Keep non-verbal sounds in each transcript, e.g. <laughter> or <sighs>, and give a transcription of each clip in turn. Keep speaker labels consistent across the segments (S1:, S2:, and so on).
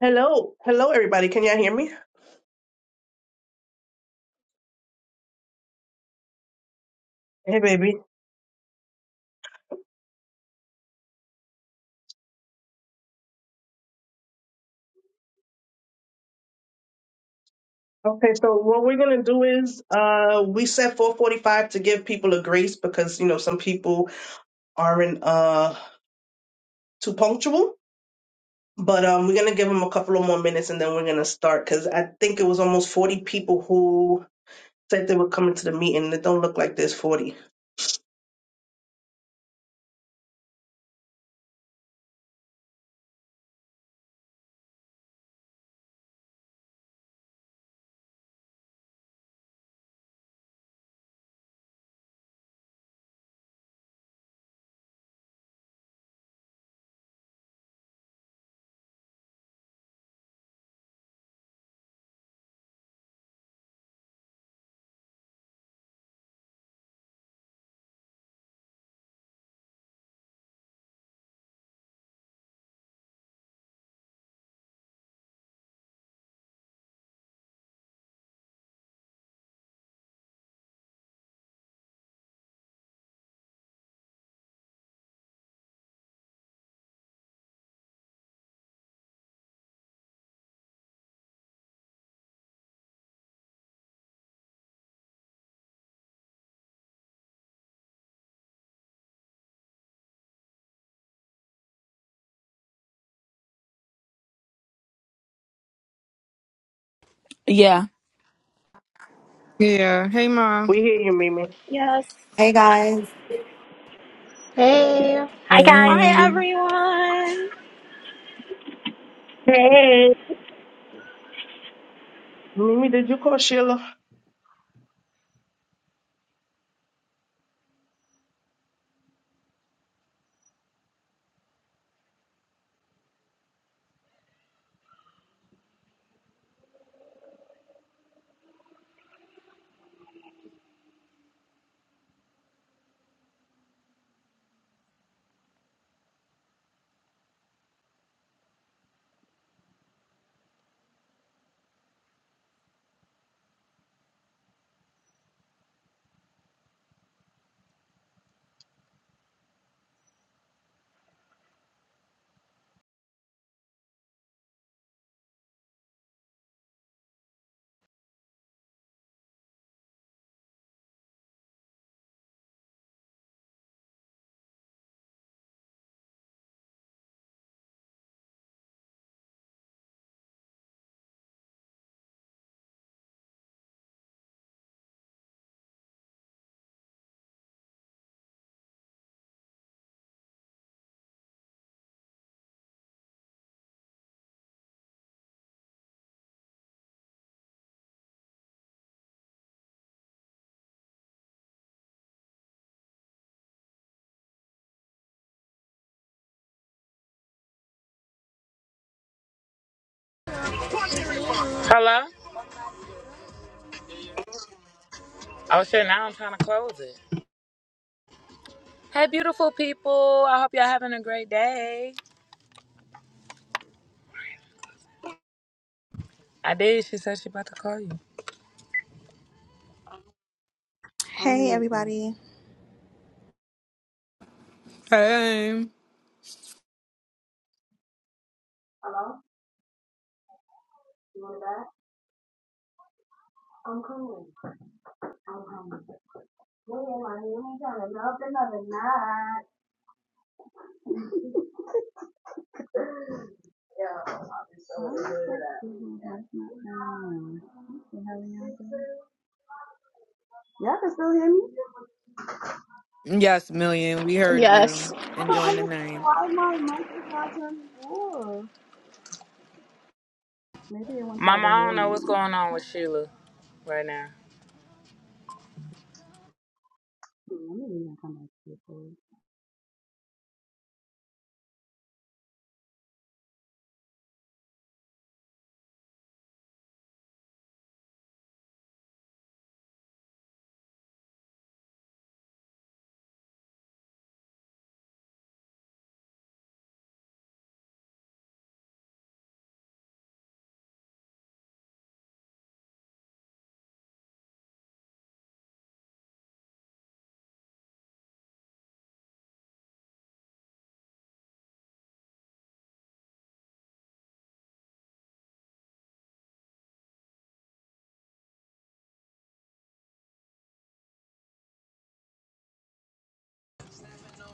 S1: Hello, hello, everybody. Can y'all hear me? Hey, baby. Okay, so what we're gonna do is uh we set 4:45 to give people a grace because you know some people aren't uh too punctual, but um we're gonna give them a couple of more minutes and then we're gonna start because I think it was almost 40 people who said they were coming to the meeting. It don't look like there's 40.
S2: Yeah.
S3: Yeah. Hey, Ma.
S1: We hear you, Mimi.
S4: Yes.
S5: Hey guys.
S6: Hey,
S7: Hi guys.
S4: Hi,
S8: Amen.
S4: everyone.
S9: Hey,
S1: Mimi, did you call Sheila?
S10: Hello? Oh shit, now I'm trying to close it. Hey beautiful people. I hope y'all having a great day. I did. She said she about to call you.
S11: I'm in
S12: Hey,
S11: this one.
S12: everybody.
S3: Hey.
S11: You know that? I'm hungry. I'm hungry. Wait a minute, you ain't trying to melt another knot. yo. I'll be so good at that. Mhm, that's not mine. You have any idea? all can still hear me?
S3: Yes, Million. We heard you.
S4: Yes.
S11: I don't
S3: Enjoying the
S11: understand
S3: night.
S11: why my mic is not turning on. Maybe it wants y'all
S10: Mama,
S11: to
S10: I
S11: hear
S10: don't know what's
S11: me.
S10: going on with Sheila right now.
S11: Hmm, Let me leave my comments here for you.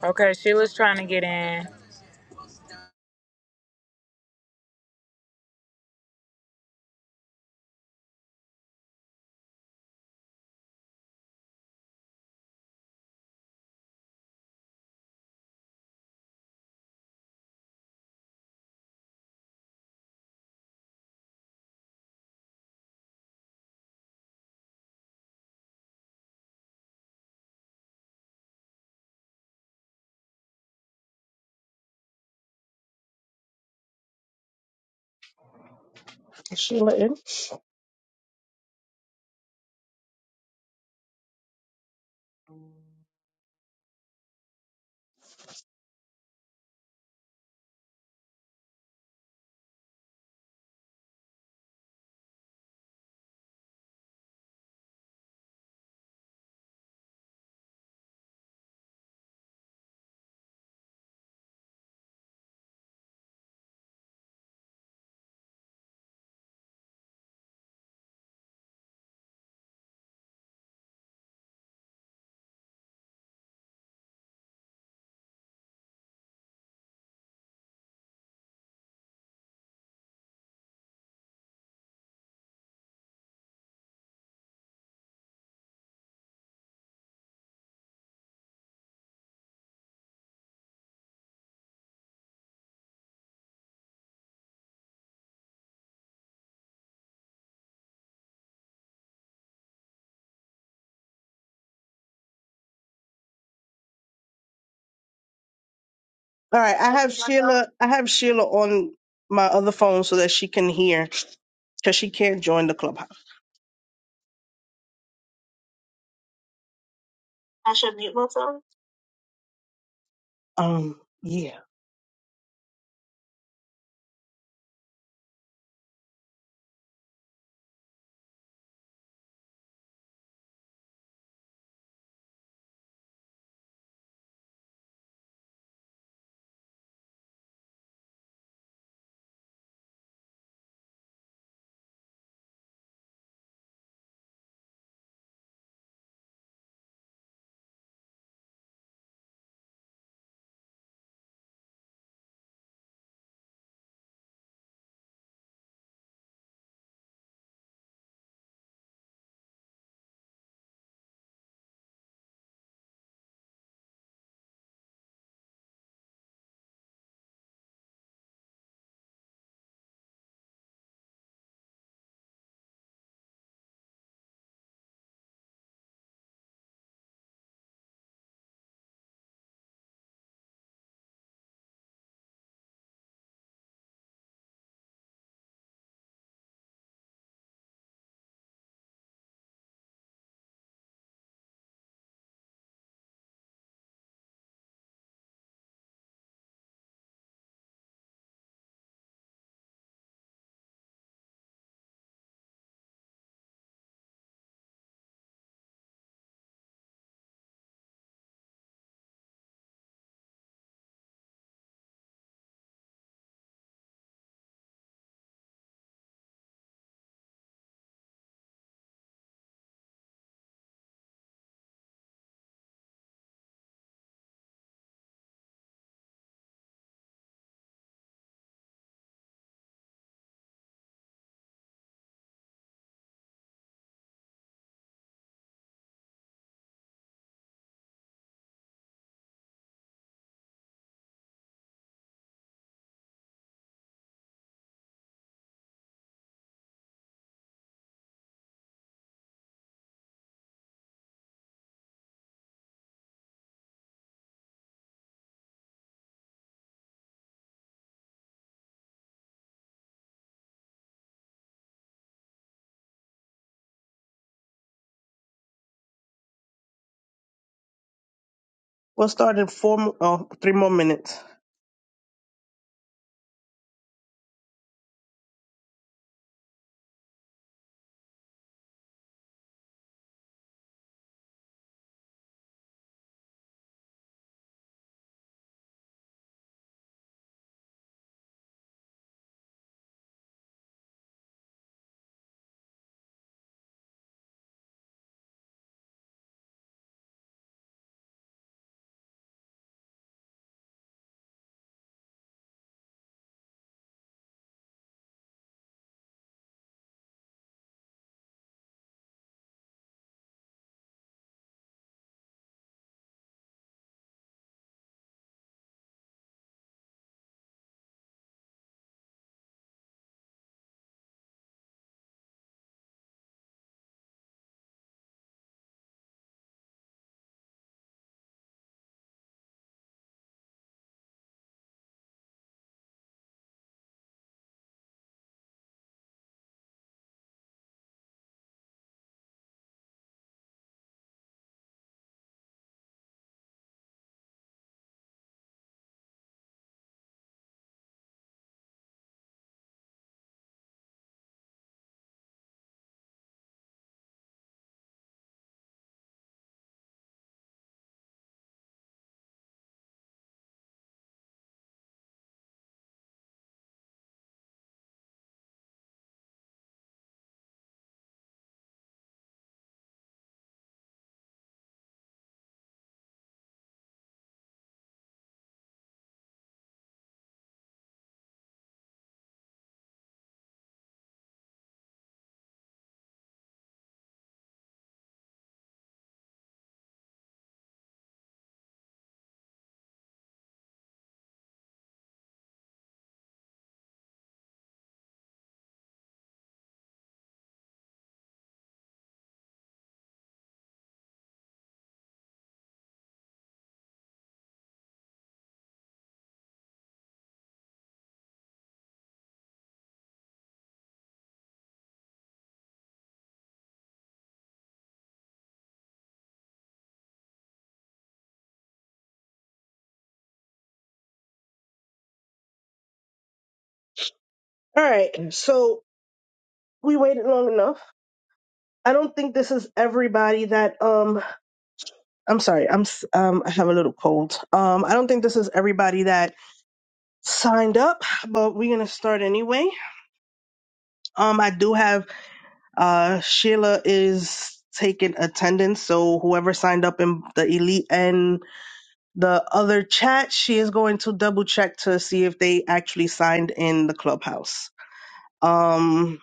S10: Okay, Sheila's trying to get in.
S1: Is Sheila in? All right, I have Sheila. I have Sheila on my other phone so that she can hear because she can't join the clubhouse. I should mute myself. Um, yeah. We'll start in four, mo- oh, three more minutes. All right. So we waited long enough. I don't think this is everybody that um. I'm sorry. I'm s- um. I have a little cold. Um. I don't think this is everybody that signed up, but we're gonna start anyway. Um, I do have uh Sheila is taking attendance, so whoever signed up in the elite and the other chat, she is going to double check to see if they actually signed in the clubhouse. Um,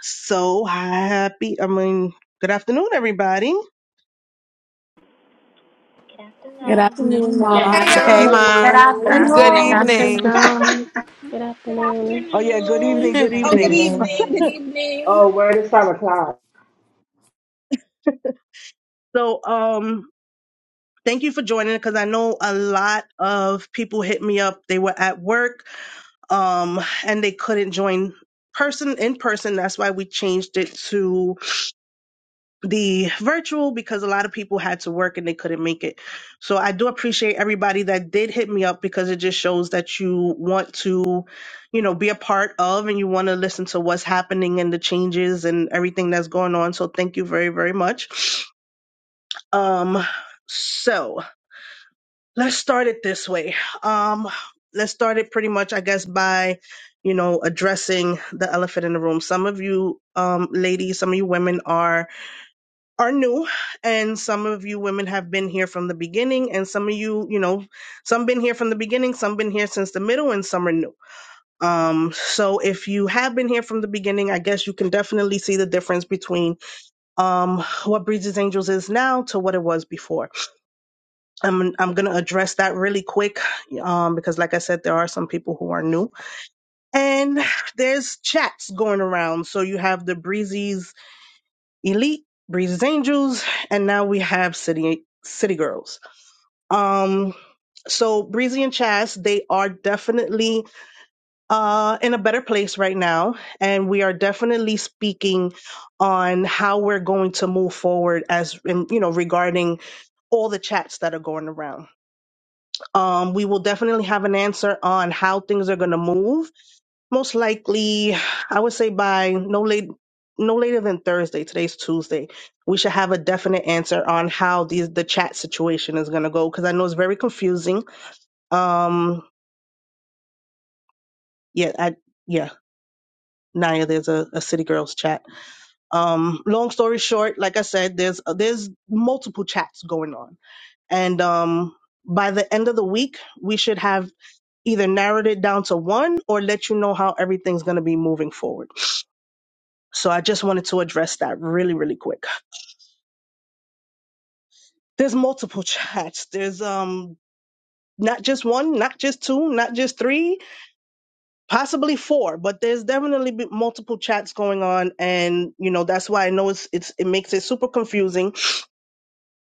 S1: so happy. I mean, good afternoon, everybody.
S7: Good
S2: Good
S7: afternoon.
S2: afternoon,
S9: Good
S2: Ma.
S13: Hey
S14: I
S15: Hey,
S14: never
S13: y'all,
S15: Ma.
S12: Good
S16: Good
S9: afternoon.
S15: Good
S16: afternoon.
S17: African
S12: afternoon.
S18: Dr.
S15: evening.
S18: Nam.
S6: good
S4: Good
S6: afternoon.
S1: Oh yeah, good evening,
S4: Afternoon.
S1: good
S15: <laughs>
S4: Oh,
S19: Hey,
S4: good
S1: evening.
S19: hey,
S4: evening.
S8: Amen.
S19: hey.
S4: Good evening.
S9: Oh, word is five o'clock.
S1: So um thank you for joining because I know a lot of people hit me up. They were at work. um, and they couldn't join person in person. That's why we changed it to the virtual because a lot of people had to work and they couldn't make it. So I do appreciate everybody that did hit me up because it just shows that you want to, you know, be a part of and you want to listen to what's happening and the changes and everything that's going on. So thank you very, very much. Um, so let's start it this way. Um, let's start it pretty much, I guess, by you know addressing the elephant in the room. Some of you um, ladies, some of you women are are new, and some of you women have been here from the beginning, and some of you, you know, some been here from the beginning, some been here since the middle, and some are new. Um, so if you have been here from the beginning, I guess you can definitely see the difference between um, what Breezes Angels is now to what it was before I'm I'm gonna address that really quick, um, because like I said, there are some people who are new, and there's chats going around. So you have the Breezy's Elite, Breezy's Angels, and now we have City City Girls. Um, so Breezy and Chas, they are definitely uh in a better place right now, and we are definitely speaking on how we're going to move forward as in, you know regarding all the chats that are going around. Um, we will definitely have an answer on how things are going to move. Most likely, I would say by no late, no later than Thursday. Today's Tuesday. We should have a definite answer on how these the chat situation is going to go because I know it's very confusing. Um, yeah, I, yeah, Naya, there's a, a city girls chat. Um, long story short, like I said, there's there's multiple chats going on, and um, by the end of the week, we should have either narrowed it down to one or let you know how everything's going to be moving forward. So I just wanted to address that really, really quick. There's multiple <laughs> chats. There's um not just one, not just two, not just three, possibly four, but there's definitely be multiple chats going on, and you know that's why I know it's it's it makes it super confusing.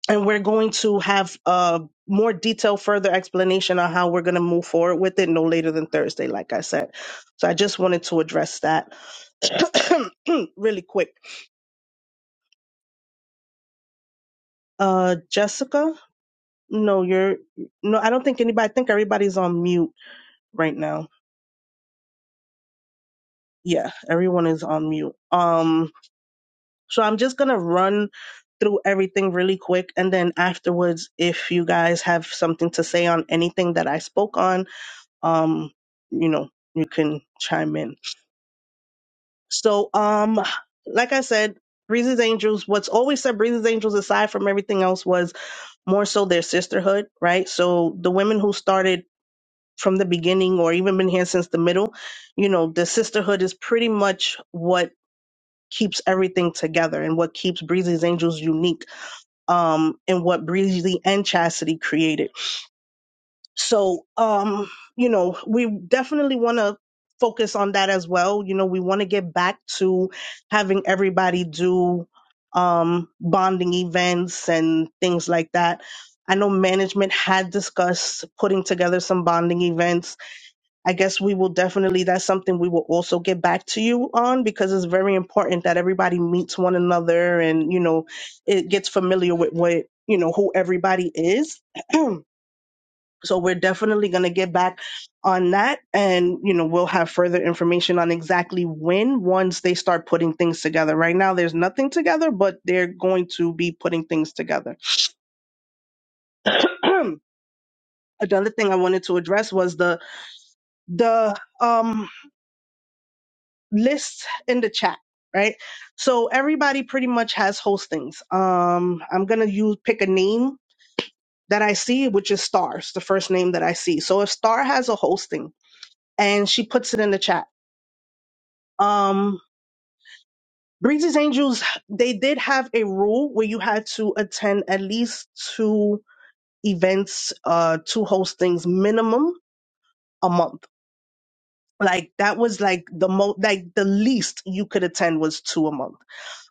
S1: And we're going to have a more detailed, further explanation on how we're going to move forward with it no later than Thursday, like I said. So I just wanted to address that <coughs> <clears throat> really quick. Uh, Jessica, no, you're no. I don't think anybody. I think everybody's on mute right now. Yeah, everyone is on mute. Um, so I'm just gonna run through everything really quick, and then afterwards, if you guys have something to say on anything that I spoke on, um, you know, you can chime in. So, um, like I said. Breezy's Angels, what's always set Breezy's Angels aside from everything else was more so their sisterhood, right? So the women who started from the beginning or even been here since the middle, you know, the sisterhood is pretty much what keeps everything together and what keeps Breezy's Angels unique um and what Breezy and Chastity created. So, um, you know, we definitely want to focus on that as well. You know, we want to get back to having everybody do um, bonding events and things like that. I know management had discussed putting together some bonding events. I guess we will definitely, that's something we will also get back to you on because it's very important that everybody meets one another and, you know, it gets familiar with what, you know, who everybody is. <clears throat> So we're definitely going to get back on that. And, you know, we'll have further information on exactly when once they start putting things together. Right now, there's nothing together, but they're going to be putting things together. <clears throat> Another thing I wanted to address was the, the, um, list in the chat. Right. So everybody pretty much has hostings. Um, I'm going to use, pick a name that I see, which is stars, the first name that I see. So if star has a hosting and she puts it in the chat, um, Breezy's Angels, they did have a rule where you had to attend at least two events, uh, two hostings minimum a month. Like that was like the most, like the least you could attend was two a month.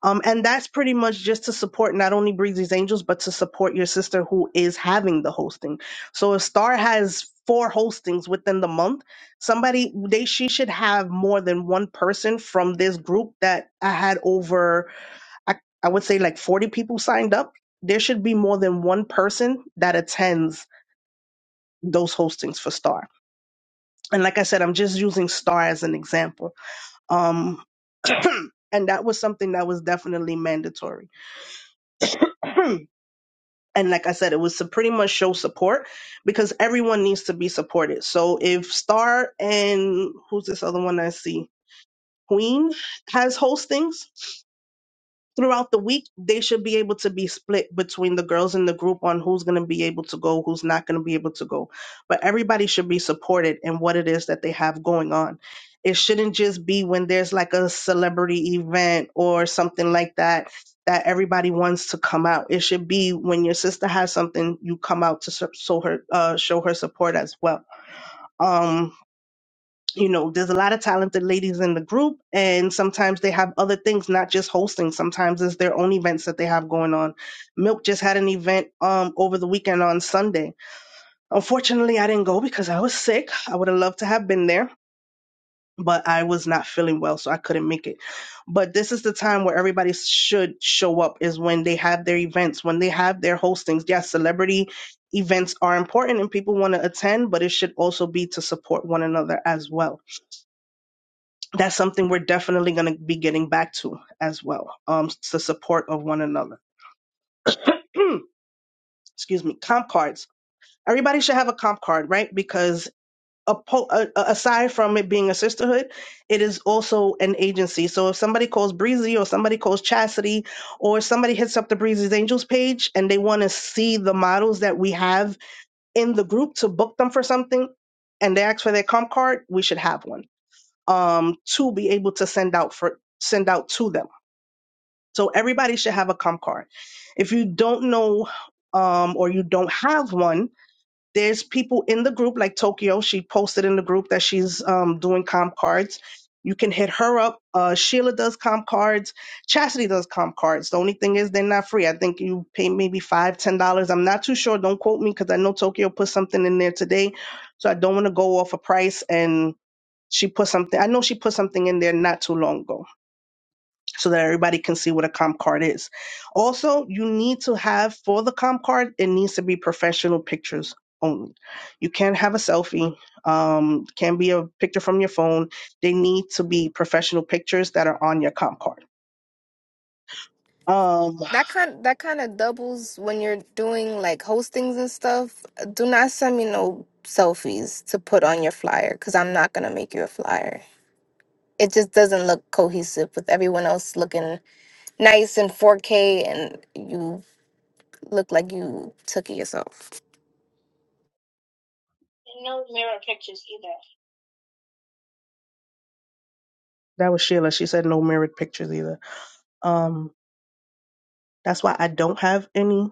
S1: Um, and that's pretty much just to support not only Breezy's Angels, but to support your sister who is having the hosting. So if Star has four hostings within the month, somebody they she should have more than one person from this group that had over I, I would say like 40 people signed up. There should be more than one person that attends those hostings for Star. And like I said, I'm just using Star as an example. Um, <clears throat> and that was something that was definitely mandatory. <clears throat> and like I said, it was to pretty much show support because everyone needs to be supported. So if Star and who's this other one I see? Queen has hostings throughout the week they should be able to be split between the girls in the group on who's going to be able to go who's not going to be able to go but everybody should be supported in what it is that they have going on it shouldn't just be when there's like a celebrity event or something like that that everybody wants to come out it should be when your sister has something you come out to so so her uh, show her support as well Um, you know, there's a lot of talented ladies in the group, and sometimes they have other things, not just hosting. Sometimes it's their own events that they have going on. Milk just had an event um over the weekend on Sunday. Unfortunately, I didn't go because I was sick. I would have loved to have been there, but I was not feeling well, so I couldn't make it. But this is the time where everybody should show up is when they have their events, when they have their hostings. Yes, celebrity events are important and people want to attend, but it should also be to support one another as well that's something we're definitely going to be getting back to as well. Um, the support of one another. <clears throat> Excuse me. Comp cards. Everybody should have a comp card, right? Because a po- a- a- aside from it being a sisterhood, it is also an agency. So if somebody calls Breezy or somebody calls Chastity or somebody hits up the Breezy's Angels page and they want to see the models that we have in the group to book them for something and they ask for their comp card, we should have one um, to be able to send out for send out to them So everybody should have a comp card. If you don't know um, or you don't have one, there's people in the group like Tokyo. She posted in the group that she's um, doing comp cards. You can hit her up. Uh, Sheila does comp cards. Chastity does comp cards. The only thing is they're not free. I think you pay maybe five, ten dollars. I'm not too sure. Don't quote me because I know Tokyo put something in there today, so I don't want to go off a price. And she put something. I know she put something in there not too long ago so that everybody can see what a comp card is. Also, you need to have for the comp card, it needs to be professional pictures only. You can't have a selfie, um, can be a picture from your phone. They need to be professional pictures that are on your comp card. Um,
S13: that kind that kind of doubles when you're doing like hostings and stuff. Do not send me no selfies to put on your flyer because I'm not gonna make you a flyer. It just doesn't look cohesive with everyone else looking nice in 4K and you look like you took it yourself.
S1: no mirror pictures either. That was Sheila. She said no mirrored pictures either. Um, That's why I don't have any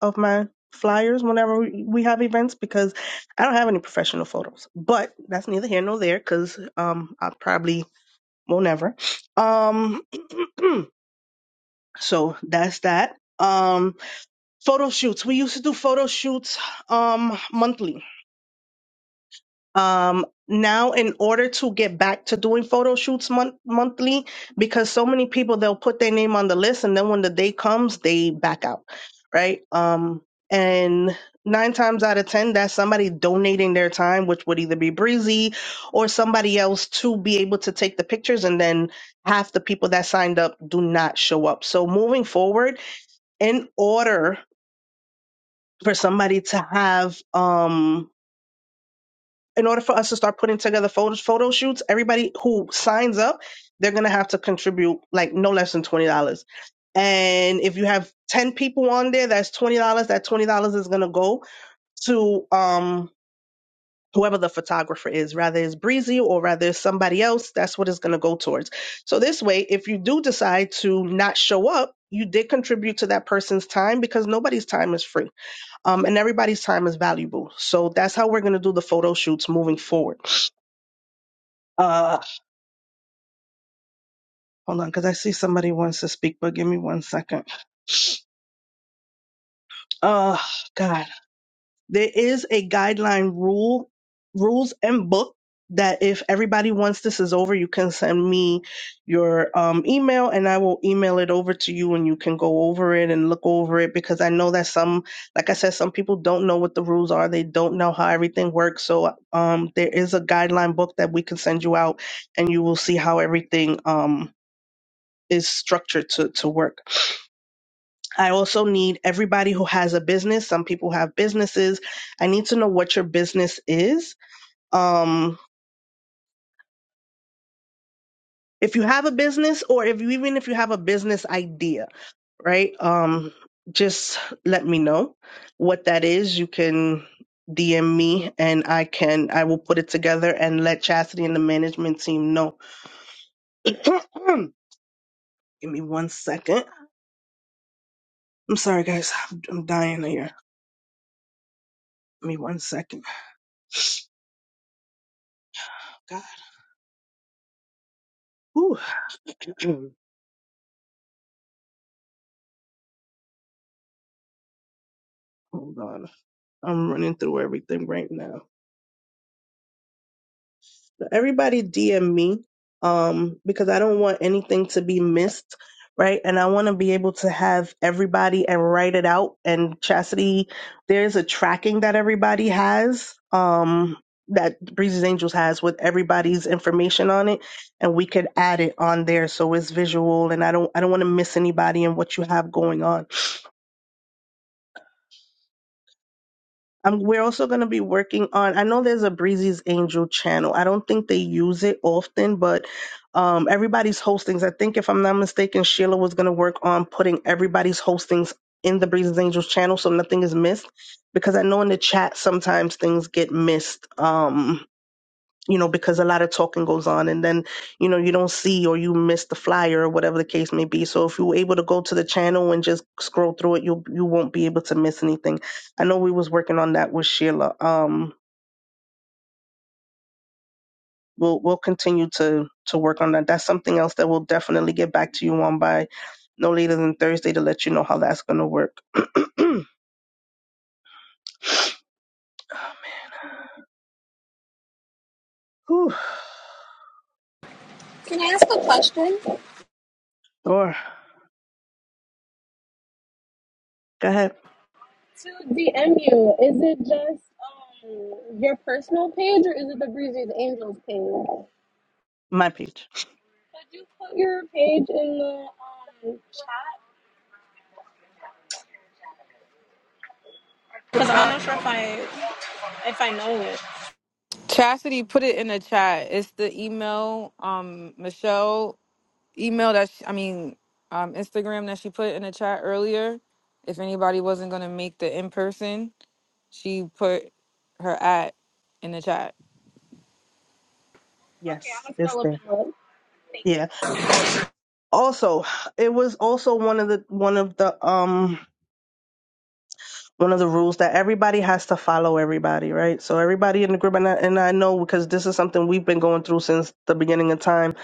S1: of my flyers whenever we we have events because I don't have any professional photos. But that's neither here nor there because um, I probably will never. Um, <clears throat> so that's that. Um, photo shoots. We used to do photo shoots um, monthly Um, now, in order to get back to doing photo shoots month monthly, because so many people they'll put their name on the list, and then when the day comes, they back out, right? Um, and nine times out of ten, that's somebody donating their time, which would either be Breezy or somebody else to be able to take the pictures, and then half the people that signed up do not show up. So moving forward, in order for somebody to have um in order for us to start putting together photos, photo shoots, everybody who signs up, they're gonna have to contribute like no less than twenty dollars. And if you have ten people on there, that's twenty dollars. That twenty dollars is gonna go to um whoever the photographer is, rather it's Breezy or rather it's somebody else, that's what it's gonna go towards. So this way, if you do decide to not show up, you did contribute to that person's time because nobody's time is free. Um and everybody's time is valuable. So that's how we're gonna do the photo shoots moving forward. Uh, hold on, because I see somebody wants to speak, but give me one second. Uh, God, there is a guideline rule, rules and book that if everybody wants this is over, you can send me your um, email and I will email it over to you and you can go over it and look over it because I know that some, like I said, some people don't know what the rules are. They don't know how everything works. So um, there is a guideline book that we can send you out and you will see how everything um, is structured to, to work. I also need everybody who has a business. Some people have businesses. I need to know what your business is. Um, if you have a business, or if you even if you have a business idea, right? Um, just let me know what that is. You can DM me, and I can I will put it together and let Chastity and the management team know. <clears throat> Give me one second. I'm sorry, guys. I'm, I'm dying here. Give me one second. God. Whew. <clears throat> Hold on. I'm running through everything right now. So everybody DM me um, because I don't want anything to be missed, right? And I want to be able to have everybody and write it out. And Chastity, there's a tracking that everybody has um, that Breezy's Angels has with everybody's information on it, and we could add it on there so it's visual. And I don't I don't want to miss anybody and what you have going on. Um, we're also going to be working on. I know there's a Breezy's Angel channel. I don't think they use it often, but um, everybody's hostings. I think if I'm not mistaken, Sheila was going to work on putting everybody's hostings in the Breezy's Angels channel so nothing is missed. Because I know in the chat sometimes things get missed. Um, you know, because a lot of talking goes on and then, you know, you don't see or you miss the flyer or whatever the case may be. So if you were able to go to the channel and just scroll through it, you you won't be able to miss anything. I know we was working on that with Sheila. Um we'll we'll continue to to work on that. That's something else that we'll definitely get back to you on by no later than Thursday to let you know how that's gonna work. <clears throat> Whew. Or go ahead. My page.
S4: Because I'm not sure if I if I know it.
S3: Chastity put it in the chat. It's the email, um, Michelle email that she, I mean, um, Instagram that she put in the chat earlier. If anybody wasn't gonna make the in person, she put her at in the chat.
S4: Okay, I'm
S1: Yes,
S4: gonna
S1: it's
S4: scroll up
S1: there.
S4: and look. Thank
S1: Yeah. also it was also one of the one of the um one of the rules that everybody has to follow everybody right so everybody in the group and I, and I know because this is something we've been going through since the beginning of time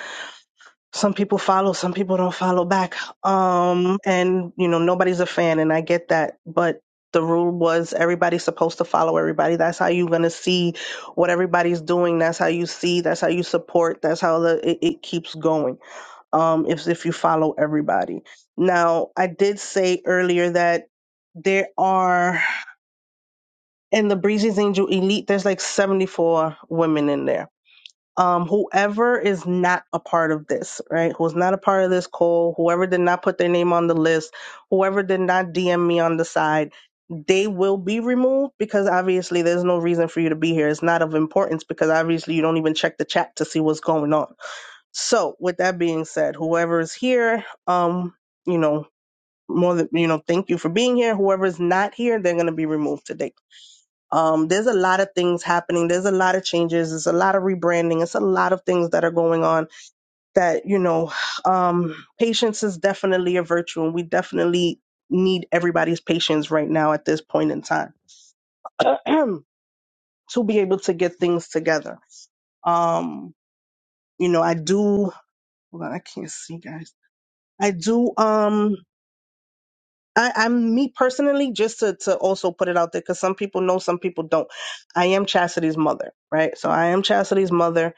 S1: some people follow some people don't follow back um and you know nobody's a fan and i get that but the rule was everybody's supposed to follow everybody that's how you're going to see what everybody's doing that's how you see that's how you support that's how the, it, it keeps going um, if if you follow everybody. Now, I did say earlier that there are in the Breezy's Angel Elite, there's like 74 women in there. Um, whoever is not a part of this, right? Who's not a part of this call, whoever did not put their name on the list, whoever did not DM me on the side, they will be removed because obviously there's no reason for you to be here. It's not of importance because obviously you don't even check the chat to see what's going on so, with that being said, whoever is here, um, you know, more than you know, thank you for being here. Whoever's not here, they're gonna be removed today. Um, there's a lot of things happening. There's a lot of changes. There's a lot of rebranding. It's a lot of things that are going on that, you know, um, patience is definitely a virtue and we definitely need everybody's patience right now at this point in time <clears throat> to be able to get things together. Um, you know, I do, hold on, I can't see guys. I do, um, I, I'm me personally, just to, to also put it out there, because some people know, some people don't. I am Chastity's mother, right? So I am Chastity's mother.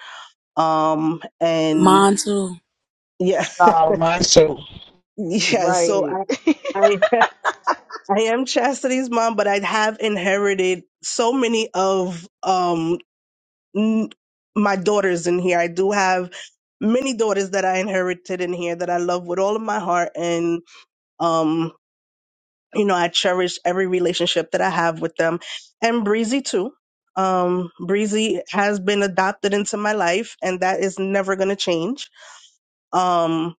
S1: Um, and
S2: Mon too.
S1: yeah,
S15: Oh, my show.
S1: <laughs> yeah. So
S9: right.
S1: I, I, <laughs> I am Chastity's mom, but I have inherited so many of um n- my daughters in here. I do have many daughters that I inherited in here that I love with all of my heart, and um. you know, I cherish every relationship that I have with them and Breezy too. Um, Breezy has been adopted into my life and that is never going to change. Um,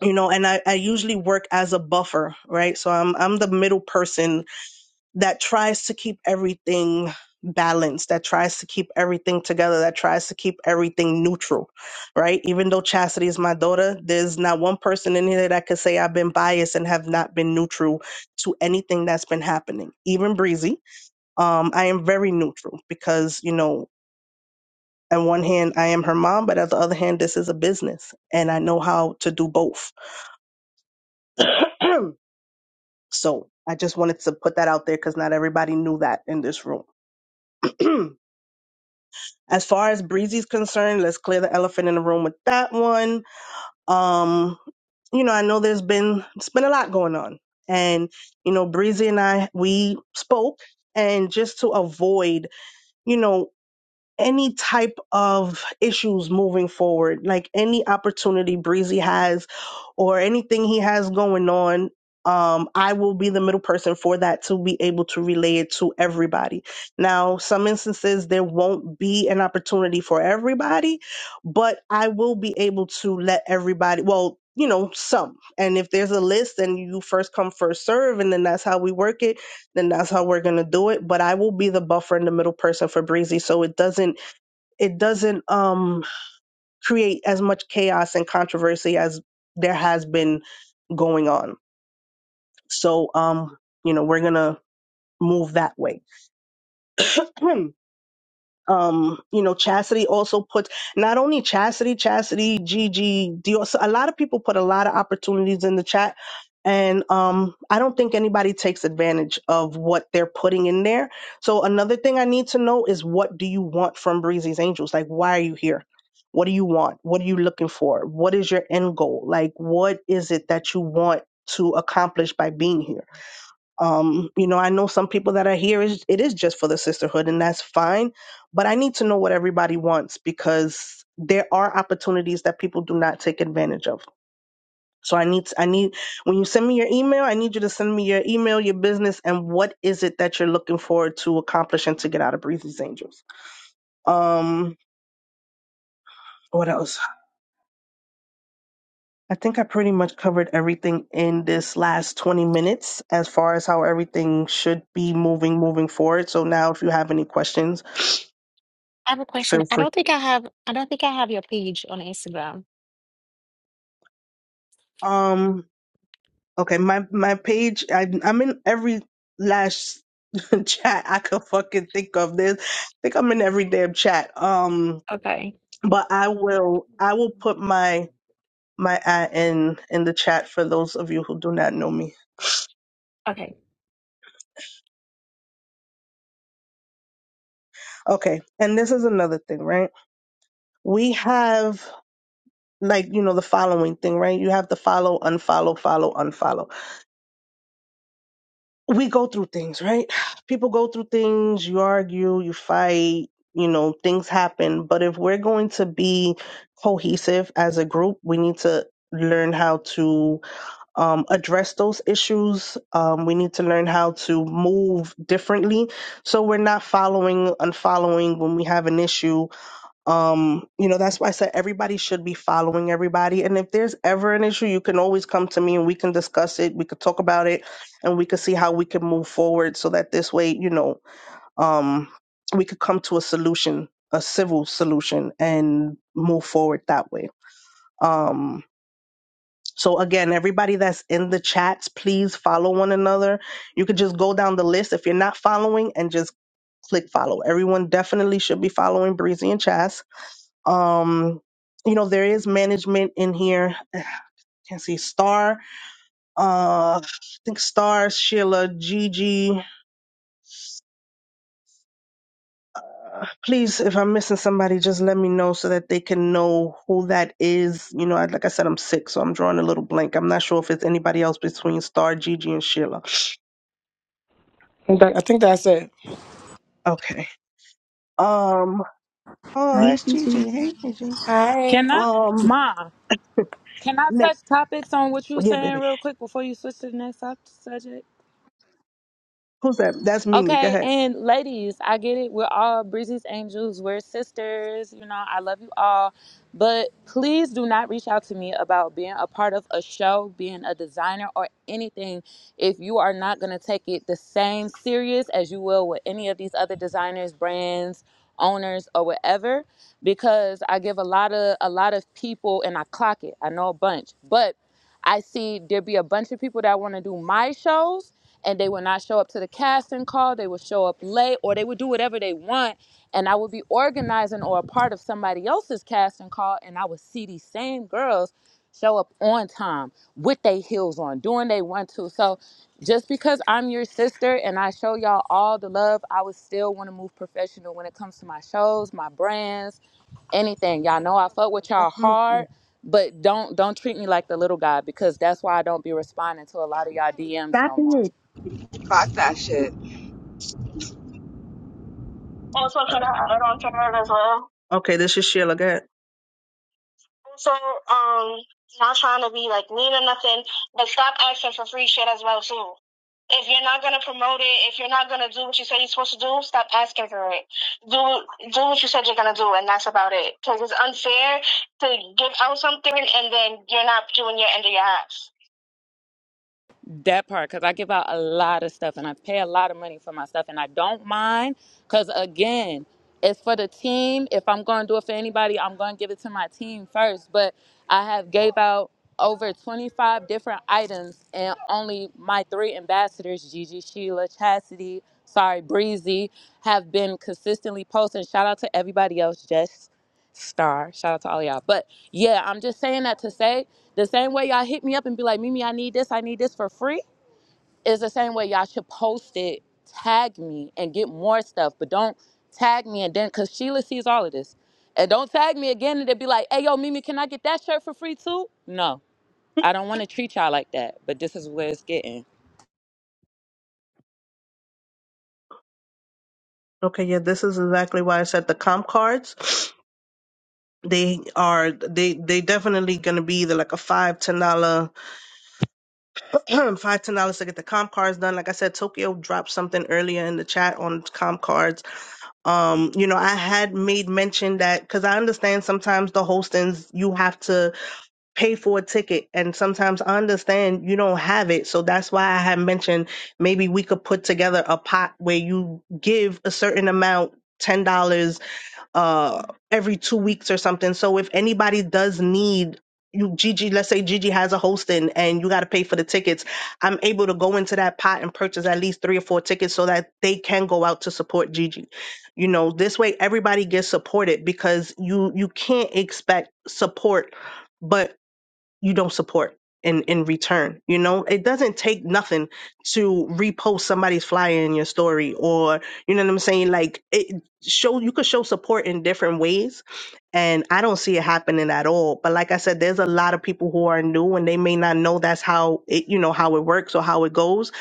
S1: you know, and I, I usually work as a buffer, right? So I'm, I'm the middle person that tries to keep everything balanced, that tries to keep everything together, that tries to keep everything neutral, right? Even though Chastity is my daughter, there's not one person in here that could say I've been biased and have not been neutral to anything that's been happening. Even Breezy, um, I am very neutral because, you know, on one hand, I am her mom, but on the other hand, this is a business and I know how to do both. <clears throat> so I just wanted to put that out there because not everybody knew that in this room. <clears throat> As far as Breezy's concerned, let's clear the elephant in the room with that one. Um, you know, I know there's been it's been a lot going on. And, you know, Breezy and I we spoke and just to avoid, you know, any type of issues moving forward, like any opportunity Breezy has or anything he has going on, um, I will be the middle person for that to be able to relay it to everybody. Now, some instances there won't be an opportunity for everybody, but I will be able to let everybody, well, you know, some. And if there's a list and you first come, first serve, and then that's how we work it, then that's how we're going to do it. But I will be the buffer and the middle person for Breezy. So it doesn't it doesn't um, create as much chaos and controversy as there has been going on. So, um, you know, we're gonna move that way. <clears throat> um you know chastity also puts not only chastity chastity gg Dior, so a lot of people put a lot of opportunities in the chat and um i don't think anybody takes advantage of what they're putting in there so another thing i need to know is what do you want from breezy's angels like why are you here what do you want what are you looking for what is your end goal like what is it that you want to accomplish by being here um you know i know some people that are here is it is just for the sisterhood and that's fine but i need to know what everybody wants because there are opportunities that people do not take advantage of so i need i need when you send me your email i need you to send me your email your business and what is it that you're looking forward to accomplish and to get out of breezy's angels um what else i think i pretty much covered everything in this last 20 minutes as far as how everything should be moving moving forward so now if you have any questions
S7: I have a question.
S1: Feel
S7: I
S1: free.
S7: don't think I have I don't think I have your page on Instagram.
S1: Um. Okay. My my page. I, I'm in every last <laughs> chat I could fucking think of. This. I think I'm in every damn chat. Um.
S7: Okay.
S1: But I will. I will put my my at in in the chat for those of you who do not know me.
S7: Okay.
S1: Okay. And this is another thing, right? We have like you know the following thing, right? You have to follow, unfollow, follow, unfollow. we go through things, right? <sighs> People go through things, you argue, you fight, you know, things happen. But if we're going to be cohesive as a group, we need to learn how to um, address those issues. Um, we need to learn how to move differently. So we're not following, unfollowing when we have an issue um, you know, that's why I said everybody should be following everybody. And if there's ever an issue, you can always come to me and we can discuss it. We could talk about it and we could see how we can move forward so that this way, you know, um, we could come to a solution, a civil solution and move forward that way. Um, so again, everybody that's in the chats, please follow one another. You could just go down the list if you're not following and just click follow. Everyone definitely should be following Breezy and Chas um, you know, there is management in here. <sighs> I can't see Star. Uh, I think Star, Sheila, Gigi. Uh, please, if I'm missing somebody, just let me know so that they can know who that is. You know, I- like I said, I'm sick, so I'm drawing a little blank. I'm not sure if it's anybody else between Star, Gigi, and Sheila.
S15: Okay, I think that's it.
S1: Okay. Um. Oh,
S10: Hey,
S1: that's
S10: Gigi.
S1: Gigi. Hey, Gigi.
S10: Can
S15: Hi.
S10: I
S1: Um.
S10: Ma, can I
S1: ne-
S10: touch topics on what you
S1: yeah,
S10: saying
S1: baby.
S10: real quick before you switch to the next sub- subject?
S1: Who's that? That's Mimi. Go
S10: Okay,
S1: ahead.
S10: and ladies, I get it. We're all breezy's angels. We're sisters. You know, I love you all. But please do not reach out to me about being a part of a show, being a designer, or anything if you are not going to take it the same serious as you will with any of these other designers, brands, owners, or whatever. Because I give a lot of a lot of people, and I clock it. I know a bunch, but I see there be a bunch of people that want to do my shows and they will not show up to the casting call. They will show up late or they will do whatever they want. And I will be organizing or a part of somebody else's casting call and I will see these same girls show up on time with their heels on, doing they want to. So just because I'm your sister and I show y'all all the love, I would still want to move professional when it comes to my shows, my brands, anything. Y'all know I fuck with y'all hard, but don't don't treat me like the little guy because that's why I don't be responding to a lot of y'all DMs no more.
S14: caught that shit.
S1: Also, can I add on to that as well? Okay, this is Sheila. Go ahead. Also, um, not trying to be like mean or nothing, but stop asking for free shit as well too. If you're not gonna promote it, if you're not gonna do what you say you're supposed to do, stop asking for it. Do do what you said you're gonna do, and that's about it. Because it's unfair to give out something and then you're not doing your end of your ass.
S10: That part, because I give out a lot of stuff and I pay a lot of money for my stuff and I don't mind. Because again, it's for the team. If I'm going to do it for anybody, I'm going to give it to my team first. But I have gave out over 25 different items and only my three ambassadors, Gigi, Sheila, Chastity, sorry, Breezy, have been consistently posting. Shout out to everybody else, Jess star. Shout out to all y'all. But yeah, I'm just saying that to say the same way y'all hit me up and be like, Mimi, I need this, I need this for free, is the same way y'all should post it, tag me, and get more stuff. But don't tag me and then, because Sheila sees all of this. And don't tag me again and they would be like, hey, yo, Mimi, can I get that shirt for free too? No, I don't want to treat y'all like that. But this is where it's getting.
S1: Okay, yeah, this is exactly why I said the comp cards. They are they they definitely gonna be either like a five ten dollar. <clears throat> five ten dollars to get the comp cards done. Like I said, Tokyo dropped something earlier in the chat on comp cards. Um, you know, I had made mention that because I understand sometimes the hostings you have to pay for a ticket, and sometimes I understand you don't have it. So that's why I had mentioned maybe we could put together a pot where you give a certain amount. $10 uh every two weeks or something. So if anybody does need you Gigi, let's say Gigi has a hosting and you gotta pay for the tickets, I'm able to go into that pot and purchase at least three or four tickets so that they can go out to support Gigi. You know, this way everybody gets supported because you you can't expect support, but you don't support in in return you know it doesn't take nothing to repost somebody's flyer in your story or you know what i'm saying like it show you could show support in different ways and i don't see it happening at all but like i said there's a lot of people who are new and they may not know that's how it you know how it works or how it goes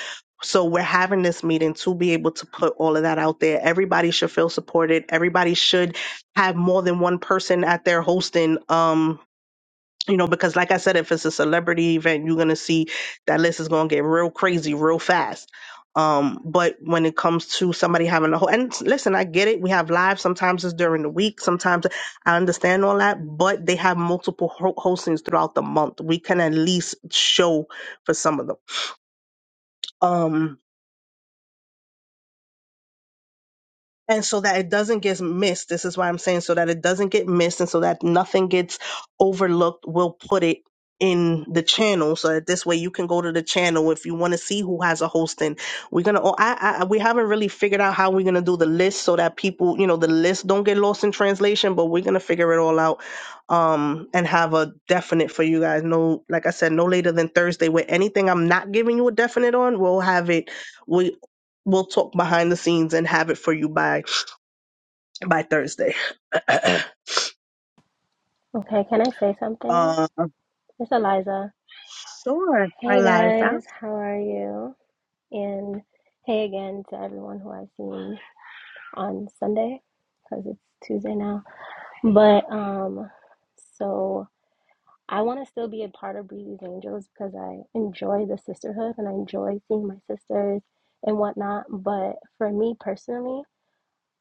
S1: so we're having this meeting to be able to put all of that out there everybody should feel supported everybody should have more than one person at their hosting um you know, because like I said, if it's a celebrity event, you're gonna see that list is gonna get real crazy real fast. Um, but when it comes to somebody having a whole and listen, I get it. We have live. Sometimes it's during the week. Sometimes I understand all that. But they have multiple ho- hostings throughout the month. We can at least show for some of them. Um, and so that it doesn't get missed this is why i'm saying so that it doesn't get missed and so that nothing gets overlooked we'll put it in the channel so that this way you can go to the channel if you want to see who has a hosting we're gonna oh, I, I we haven't really figured out how we're gonna do the list so that people you know the list don't get lost in translation but we're gonna figure it all out um and have a definite for you guys no like i said no later than thursday with anything i'm not giving you a definite on we'll have it we we'll talk behind the scenes and have it for you by by Thursday. <clears throat>
S6: Okay, can I say something?
S1: uh,
S6: It's Eliza.
S1: sure,
S6: Hey
S1: Eliza.
S6: guys, how are you? And hey again to everyone who I've seen on Sunday, because it's Tuesday now. But um, so I want to still be a part of Breezy's Angels because I enjoy the sisterhood and I enjoy seeing my sisters and whatnot. But for me personally,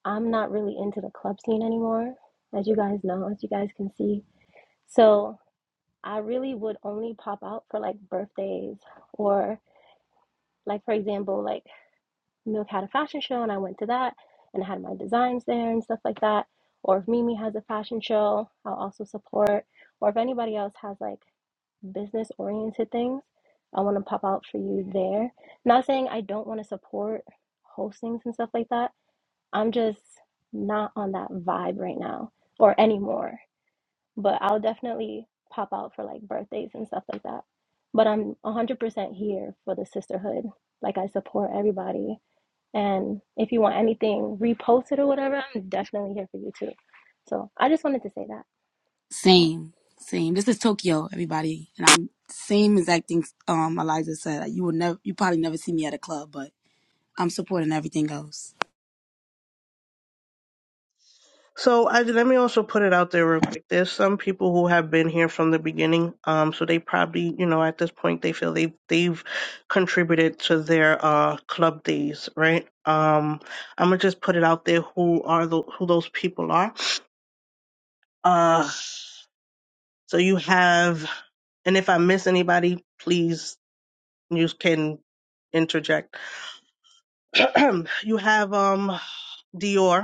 S6: I'm not really into the club scene anymore, as you guys know, as you guys can see. So I really would only pop out for like birthdays or like for example, like Milk had a fashion show and I went to that and I had my designs there and stuff like that. Or if Mimi has a fashion show, I'll also support. Or if anybody else has like business oriented things, I want to pop out for you there. Not saying I don't want to support hostings and stuff like that. I'm just not on that vibe right now or anymore but I'll definitely pop out for like birthdays and stuff like that. But I'm 100% here for the sisterhood. Like I support everybody. And if you want anything reposted or whatever, I'm definitely here for you too. So I just wanted to say that. Yeah.
S2: Same. Same. This is Tokyo, everybody. And I'm same as I um Eliza said. Like, You will never you probably never see me at a club, but I'm supporting everything else.
S1: So I, let me also put it out there real quick. There's some people who have been here from the beginning, um, so they probably, you know, at this point they feel they they've contributed to their uh club days, right? Um, I'm gonna just put it out there who are the, who those people are. Uh, so you have, and if I miss anybody, please you can interject. <clears throat> you have um Dior.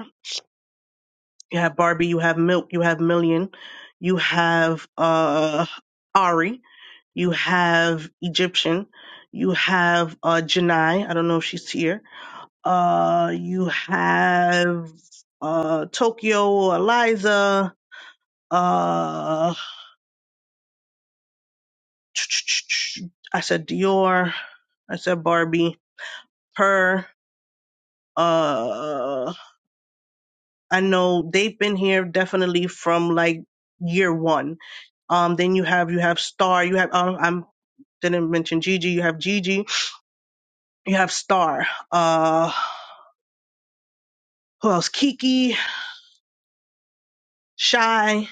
S1: You have Barbie, you have Milk, you have Million, you have uh Ari, you have Egyptian, you have uh Janai, I don't know if she's here. Uh you have uh Tokyo, Eliza, uh I said Dior, I said Barbie, Her. uh I know they've been here definitely from like year one. Um, then you have you have Star, you have um, I'm Didn't mention Gigi. You have Gigi. You have Star. Uh, who else? Kiki, Shy.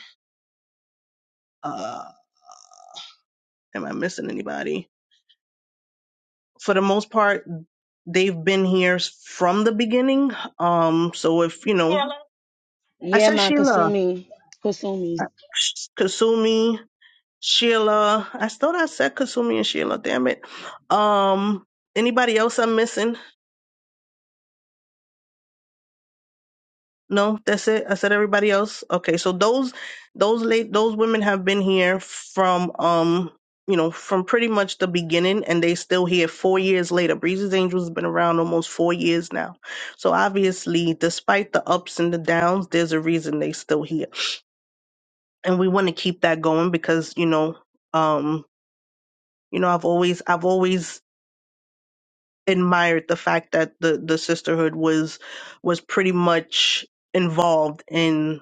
S1: Uh, am I missing anybody? For the most part, they've been here s- from the beginning. Um, so if you know, Sheila. I
S9: Yeah,
S1: said
S9: man,
S1: Sheila,
S9: Kasumi.
S1: I-
S9: Kasumi.
S1: Kasumi, Sheila. I thought I said Kasumi and Sheila. Damn it. Um, anybody else I'm missing? No, that's it. I said everybody else. Okay, so those those late those women have been here from um you know from pretty much the beginning, and they still here four years later. Breezy's Angels has been around almost four years now, so obviously, despite the ups and the downs, there's a reason they still here, and we want to keep that going because you know um you know I've always I've always admired the fact that the the sisterhood was was pretty much involved in.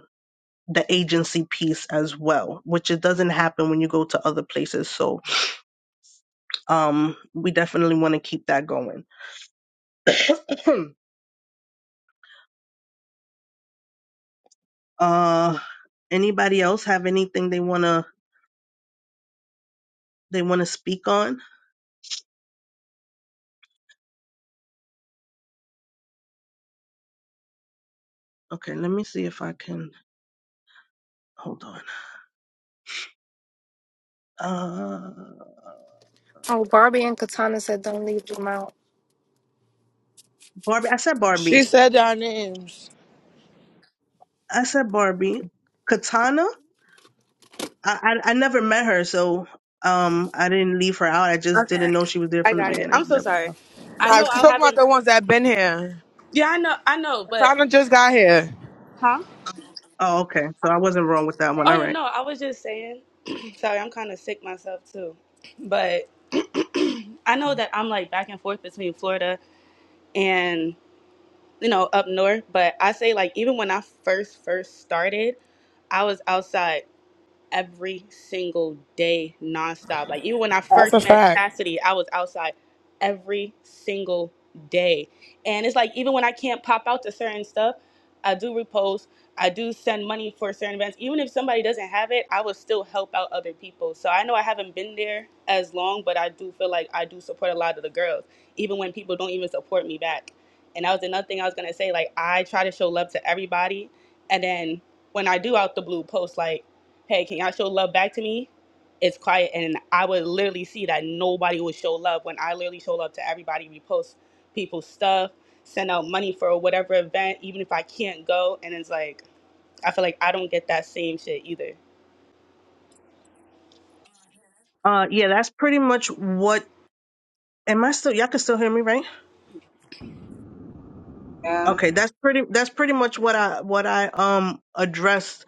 S1: the agency piece as well, which it doesn't happen when you go to other places. So um, we definitely want to keep that going. <clears throat> uh, anybody else have anything they wanna they wanna speak on? Okay, let me see if I can hold on. Uh,
S13: Oh, Barbie and Katana said don't leave them out.
S1: Barbie, I said
S15: She
S1: Barbie.
S15: said our names.
S1: I said Barbie. Katana. I I, I never met her, so um, I didn't leave her out. I just
S20: Okay.
S1: didn't know she was there
S20: I
S1: from the
S20: got it.
S1: beginning.
S20: I'm
S1: I
S20: so
S1: never knew
S20: sorry.
S1: her.
S20: I
S15: I
S20: know
S15: was
S20: I
S15: talking about
S20: haven't.
S15: the ones that been here.
S20: Yeah, I know. I know, but
S15: Katana just got here.
S20: huh?
S1: Oh, okay. So I wasn't wrong with that one.
S20: Oh
S1: All
S20: yeah,
S1: right.
S20: no. I was just saying. <clears throat> sorry, I'm kind of sick myself too, but <clears throat> I know that I'm like back and forth between Florida and you know up north. But I say like even when I first first started, I was outside every single day nonstop. Like even when I
S15: That's
S20: first
S15: a
S20: met
S15: fact.
S20: Chastity, I was outside every single day. And it's like even when I can't pop out to certain stuff, I do repost. I do send money for certain events. Even if somebody doesn't have it, I will still help out other people. So I know I haven't been there as long, but I do feel like I do support a lot of the girls, even when people don't even support me back. And that was another thing I was gonna say. Like I try to show love to everybody, and then when I do out the blue post, like hey, can y'all show love back to me? It's quiet. And I would literally see that nobody would show love when I literally show love to everybody, repost people's stuff, send out money for whatever event, even if I can't go. And it's like, I feel like I don't get that same shit either.
S1: Uh, yeah, that's pretty much what. Am I still? Y'all can still hear me, right?
S14: Yeah.
S1: Okay, that's pretty. That's pretty much what I what I um addressed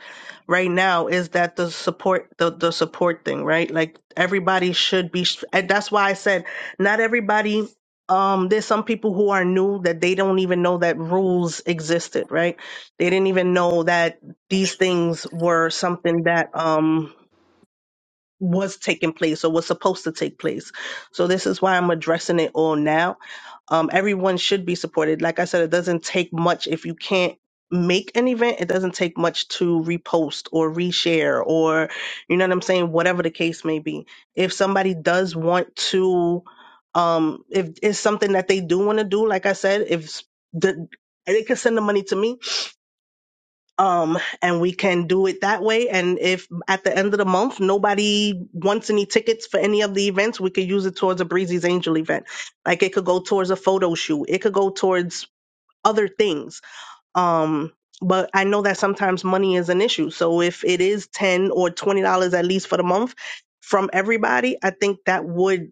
S1: right now is that the support the the support thing, right? Like everybody should be. str- And that's why I said not everybody. Um, there's some people who are new that they don't even know that rules existed, right? They didn't even know that these things were something that um was taking place or was supposed to take place. So this is why I'm addressing it all now. Um, everyone should be supported. Like I said, it doesn't take much if you can't make an event. It doesn't take much to repost or reshare or you know what I'm saying. Whatever the case may be, if somebody does want to, um, if it's something that they do want to do, like I said, if s- the they can send the money to me um and we can do it that way and if at the end of the month nobody wants any tickets for any of the events we could use it towards a breezy's angel event like it could go towards a photo shoot it could go towards other things um but i know that sometimes money is an issue so if it is 10 or 20 dollars at least for the month from everybody i think that would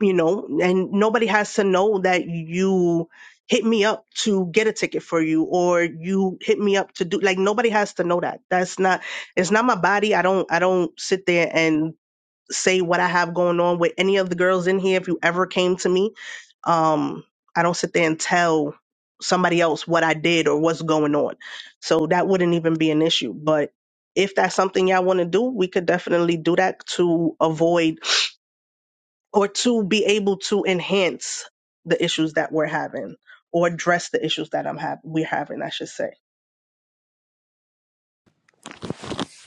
S1: you know, and nobody has to know that you hit me up to get a ticket for you or you hit me up to do like nobody has to know that. That's not it's not my body. I don't I don't sit there and say what I have going on with any of the girls in here if you ever came to me. Um I don't sit there and tell somebody else what I did or what's going on. So that wouldn't even be an issue, but if that's something y'all want to do, we could definitely do that to avoid or to be able to enhance the issues that we're having or address the issues that I'm have we're having, I should say.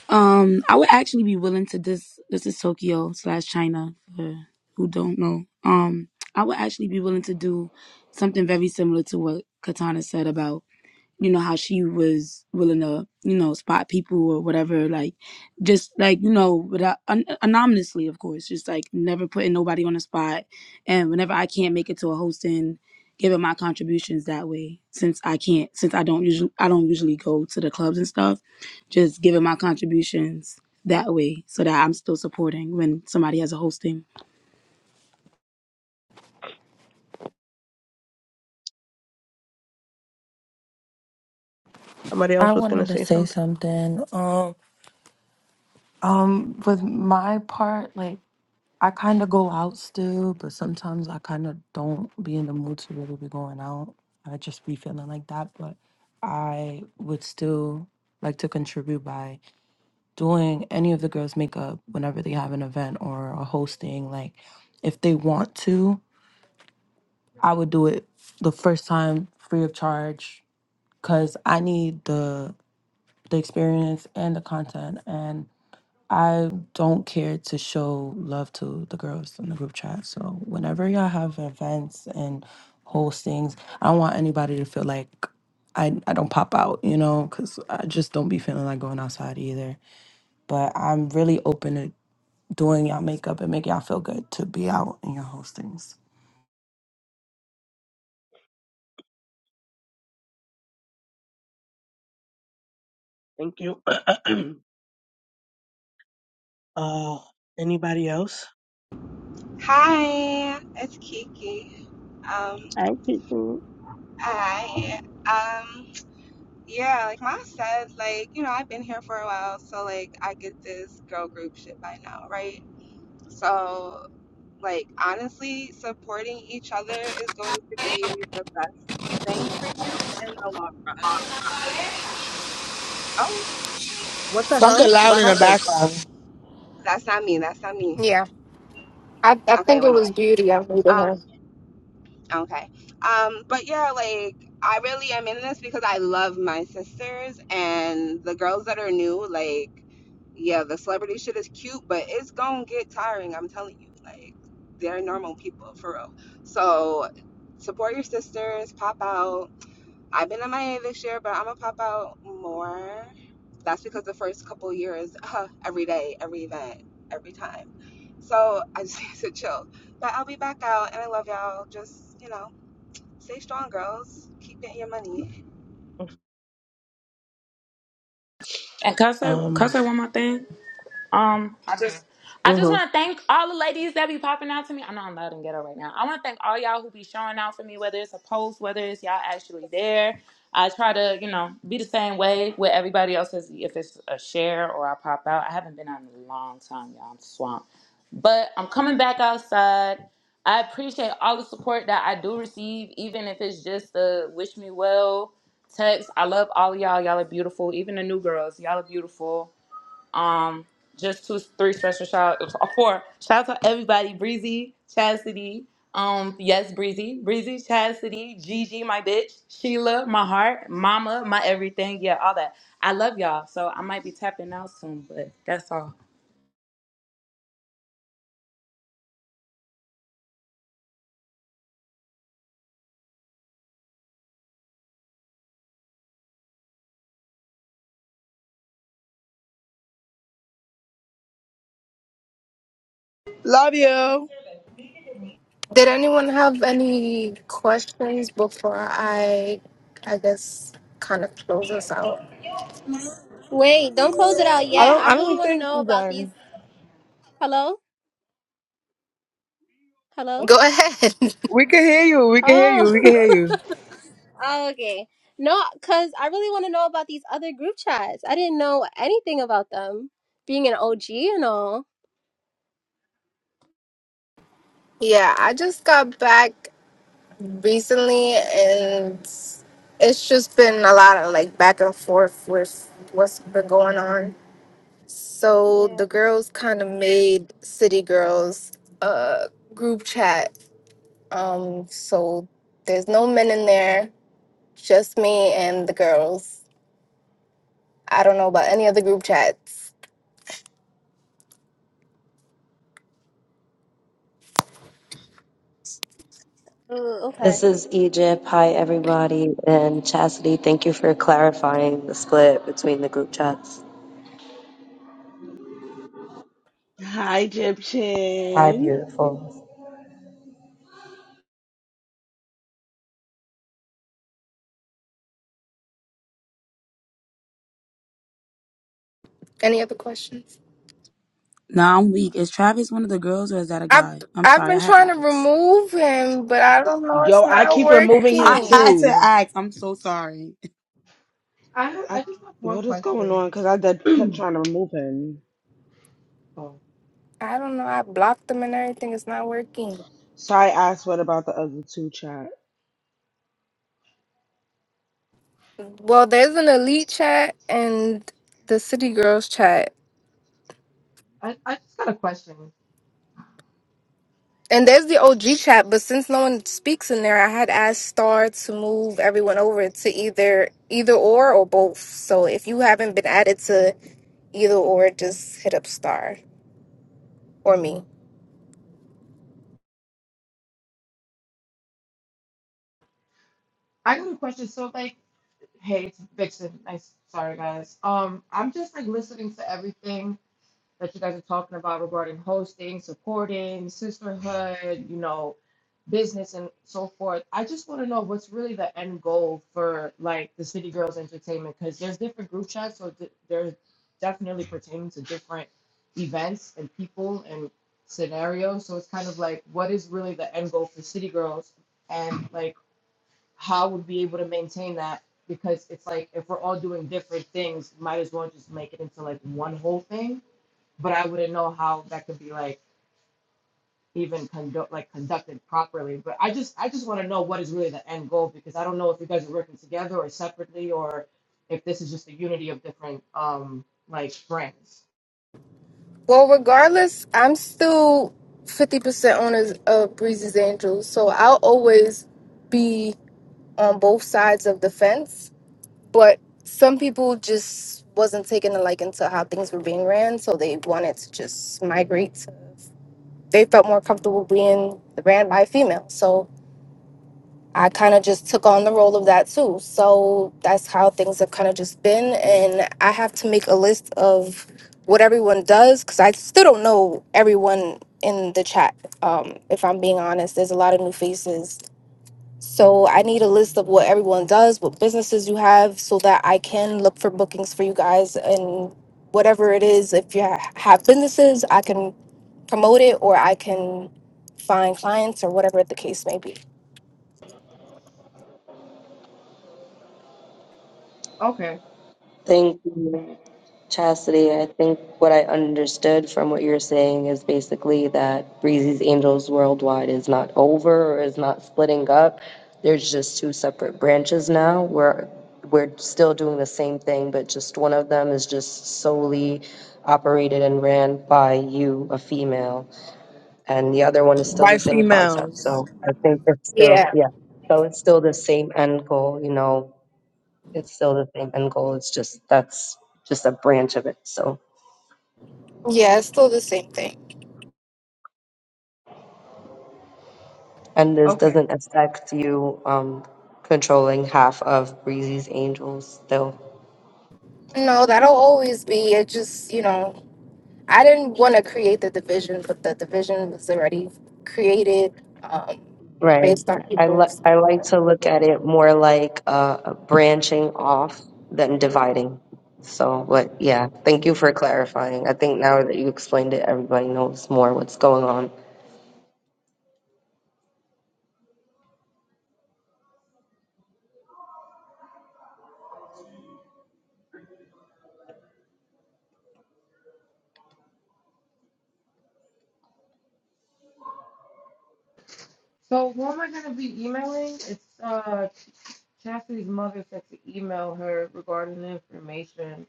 S2: Um, I would actually be willing to this this is Tokyo slash China for who don't know. Um, I would actually be willing to do something very similar to what Katana said about you know how she was willing to you know spot people or whatever like just like you know without an- anonymously of course just like never putting nobody on the spot and whenever i can't make it to a hosting giving my contributions that way since i can't since i don't usually i don't usually go to the clubs and stuff just giving my contributions that way so that i'm still supporting when somebody has a hosting
S1: Somebody
S8: I
S1: else was gonna
S8: wanted to
S1: say
S8: say
S1: something.
S8: something. Um, um, with my part, like I kind of go out still, but sometimes I kind of don't be in the mood to really be going out. I just be feeling like that, but I would still like to contribute by doing any of the girls' makeup whenever they have an event or a hosting. Like, if they want to, I would do it the first time free of charge because I need the the experience and the content. And I don't care to show love to the girls in the group chat. So whenever y'all have events and hostings, I don't want anybody to feel like I, I don't pop out, you know, because I just don't be feeling like going outside either. But I'm really open to doing y'all makeup and make y'all feel good to be out in your hostings.
S1: Thank you. <clears throat> uh anybody else?
S14: Hi, it's Kiki. Um,
S1: I could do
S14: I um, yeah, like Ma said, like you know, I've been here for a while, so like I get this girl group shit by now, right? So like honestly, supporting each other is going to be the best thing for you in the long run. Oh,
S15: Something loud in the background.
S14: that's not me. That's not me.
S13: Yeah, I, I
S14: Okay, it
S13: think it
S14: went
S13: was
S14: away.
S13: beauty I needed
S14: Um,
S13: her.
S14: Okay. Um, but yeah, like I really am in this because I love my sisters and the girls that are new, like, yeah, the celebrity shit is cute, but it's gonna get tiring, I'm telling you. Like, they're normal people for real. So support your sisters, pop out. I've been MIA this year, but I'm gonna pop out more. That's because the first couple years, <laughs> uh, every day, every event, every time. So I just <laughs> need to chill. But I'll be back out and I love y'all. Just, you know Stay strong, girls. Keep getting your money.
S10: And can I say, can I
S1: Um
S10: say one more thing? Um, I just
S1: mhm.
S10: want to thank all the ladies that be popping out to me. I know I'm loud and ghetto right now. I want to thank all y'all who be showing out for me, whether it's a post, whether it's y'all actually there. I try to, you know, be the same way with everybody else as if it's a share or I pop out. I haven't been out in a long time, y'all. I'm swamped. But I'm coming back outside. I appreciate all the support that I do receive, even if it's just the wish me well text. I love all of y'all. Y'all are beautiful. Even the new girls, y'all are beautiful. Um, just two, three special shout uh, four. Shout out to everybody: Breezy, Chastity. Um, yes, Breezy, Breezy, Chastity, Gigi, my bitch, Sheila, my heart, Mama, my everything. Yeah, all that. I love y'all. So I might be tapping out soon, but that's all.
S15: Love you. I
S13: Did anyone have any questions before I, I guess, kind of close us out?
S6: Wait, don't close it out yet.
S15: don't.
S6: I
S15: I
S6: really
S15: don't
S6: want to
S15: think
S6: know
S15: we're
S6: about these.
S15: done.
S6: Hello? Hello?
S13: Go ahead. <laughs>
S15: We can hear you. We can hear
S6: Oh.
S15: you. We can hear you.
S6: <laughs> oh, okay. No, because I really want to know about these other group chats. I didn't know anything about them. Being an OG and all.
S13: yeah, I just got back recently, and it's just been a lot of like back and forth with what's been going on. So the
S6: Yeah.
S13: girls kind of made City Girls a group chat. Um, so there's no men in there, just me and the girls. I don't know about any other group chats.
S21: This is Egypt. Hi, everybody. And Chastity, thank you for clarifying the split between the group chats.
S9: Hi,
S21: Hi,
S9: Egyptian.
S21: beautiful.
S13: Any other questions?
S2: now i'm weak is travis one of the girls or is that a
S13: I've
S2: guy i'm
S13: I've
S2: sorry
S13: been
S2: i had to
S13: trying to
S2: ask
S13: remove him, but I don't know. It's
S9: Yo, I
S13: not
S9: keep removing
S2: <laughs>
S9: him
S2: i
S13: working.
S2: had to
S9: too.
S2: ask i'm so sorry
S19: I have- I
S9: I,
S19: just have one
S9: what is going
S19: question.
S9: on? Because I did, kept trying to remove him.
S19: Oh,
S13: I don't know. I blocked him and everything. It's not working.
S9: So I asked, what about the other two chat?
S13: Well, there's an elite chat and the city girls chat,
S19: I, I just got a question.
S13: and there's the OG chat. But since no one speaks in there, I had asked Star to move everyone over to either either or or both. So if you haven't been added to either or, just hit up Star or me.
S19: I got a question. So like, hey, it's Vixen. I Sorry, guys. Um, I'm just like listening to everything, that you guys are talking about regarding hosting, supporting, sisterhood, you know, business and so forth. I just want to know what's really the end goal for like the City Girls Entertainment because there's different group chats, so th- they're definitely pertaining to different events and people and scenarios. So it's kind of like what is really the end goal for City Girls and like how would we be able to maintain that because it's like if we're all doing different things, might as well just make it into like one whole thing but I wouldn't know how that could be like even conduct like conducted properly. But I just I just want to know what is really the end goal because I don't know if you guys are working together or separately or if this is just a unity of different um like brands.
S13: Well, regardless, I'm still 50% owners of Breezy's Angels, so I'll always be on both sides of the fence. But some people just wasn't taking a liking to how things were being ran, so they wanted to just migrate to. They felt more comfortable being ran by a female, so I kind of just took on the role of that too. So that's how things have kind of just been. And I have to make a list of what everyone does because I still don't know everyone in the chat. Um, if I'm being honest, there's a lot of new faces. So I need a list of what everyone does, what businesses you have, so that I can look for bookings for you guys and whatever it is. If you ha- have businesses, I can promote it or I can find clients or whatever the case may be.
S19: Okay.
S21: Thank you, Chastity. I think what I understood from what you're saying is basically that Breezy's Angels Worldwide is not over or is not splitting up. There's just two separate branches now. We're we're still doing the same thing, but just one of them is just solely operated and ran by you, a female. and the other one is still the
S15: By
S21: same concept.
S15: females.
S21: So I think it's still,
S13: Yeah.
S21: yeah. So it's still the same end goal, you know, it's still the same end goal. It's just that's just a branch of it. So,
S13: Yeah, it's still the same thing.
S21: and this
S19: Okay.
S21: doesn't affect you um, controlling half of Breezy's Angels still.
S13: No, that'll always be. It just, you know, I didn't want to create the division, but the division was already created um,
S21: Right.
S13: based on
S21: I, li-
S13: people's.
S21: I like to look at it more like uh, branching off than dividing. So, but yeah, thank you for clarifying. I think now that you explained it, everybody knows more what's going on.
S19: So who am I gonna be emailing? It's uh Chastity's mother said to email her regarding the information.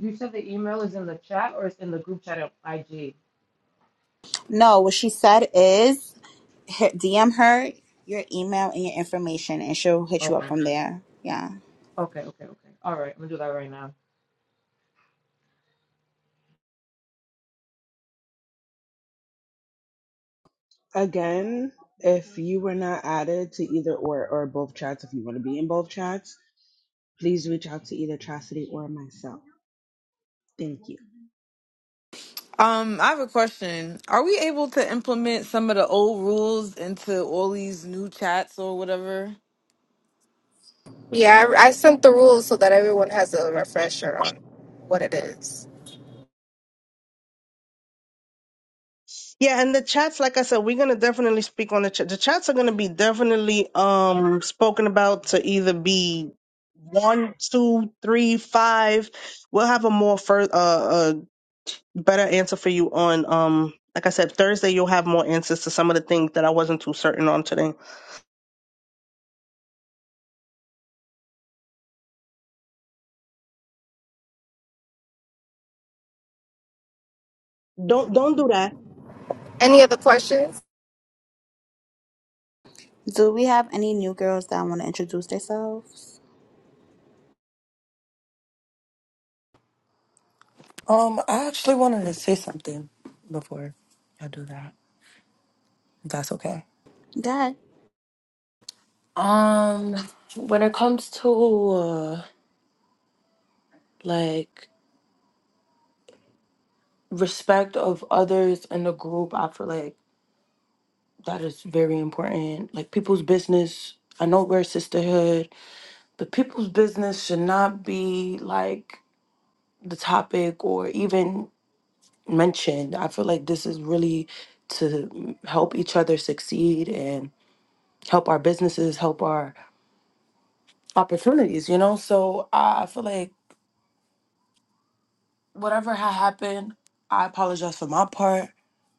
S19: You said the email is in the chat or it's in the group chat of IG.
S12: No, what she said is hit, DM her your email and your information, and she'll hit you up
S19: Okay.
S12: from there. Yeah.
S19: Okay, okay, okay. All right, I'm gonna do that right now.
S9: Again, if you were not added to either or, or both chats, if you want to be in both chats, please reach out to either Chastity or myself. Thank you.
S3: Um, I have a question. Are we able to implement some of the old rules into all these new chats or whatever?
S13: Yeah, I, I sent the rules so that everyone has a refresher on what it is.
S1: Yeah, and the chats, like I said, we're gonna definitely speak on the chat. The chats are gonna be definitely um spoken about to either be one, two, three, five. We'll have a more further uh. uh, better answer for you on um like I said Thursday you'll have more answers to some of the things that I wasn't too certain on today. Don't don't do that.
S13: Any other questions?
S12: Do we have any new girls that want to introduce themselves?
S8: Um, I actually wanted to say something before I do that. if That's okay.
S12: Good.
S8: Um, when it comes to uh, like respect of others in the group, I feel like that is very important. Like people's business. I know we're a sisterhood, but people's business should not be like the topic or even mentioned. I feel like this is really to help each other succeed and help our businesses, help our opportunities, you know? So I I feel like whatever had happened, I apologize for my part.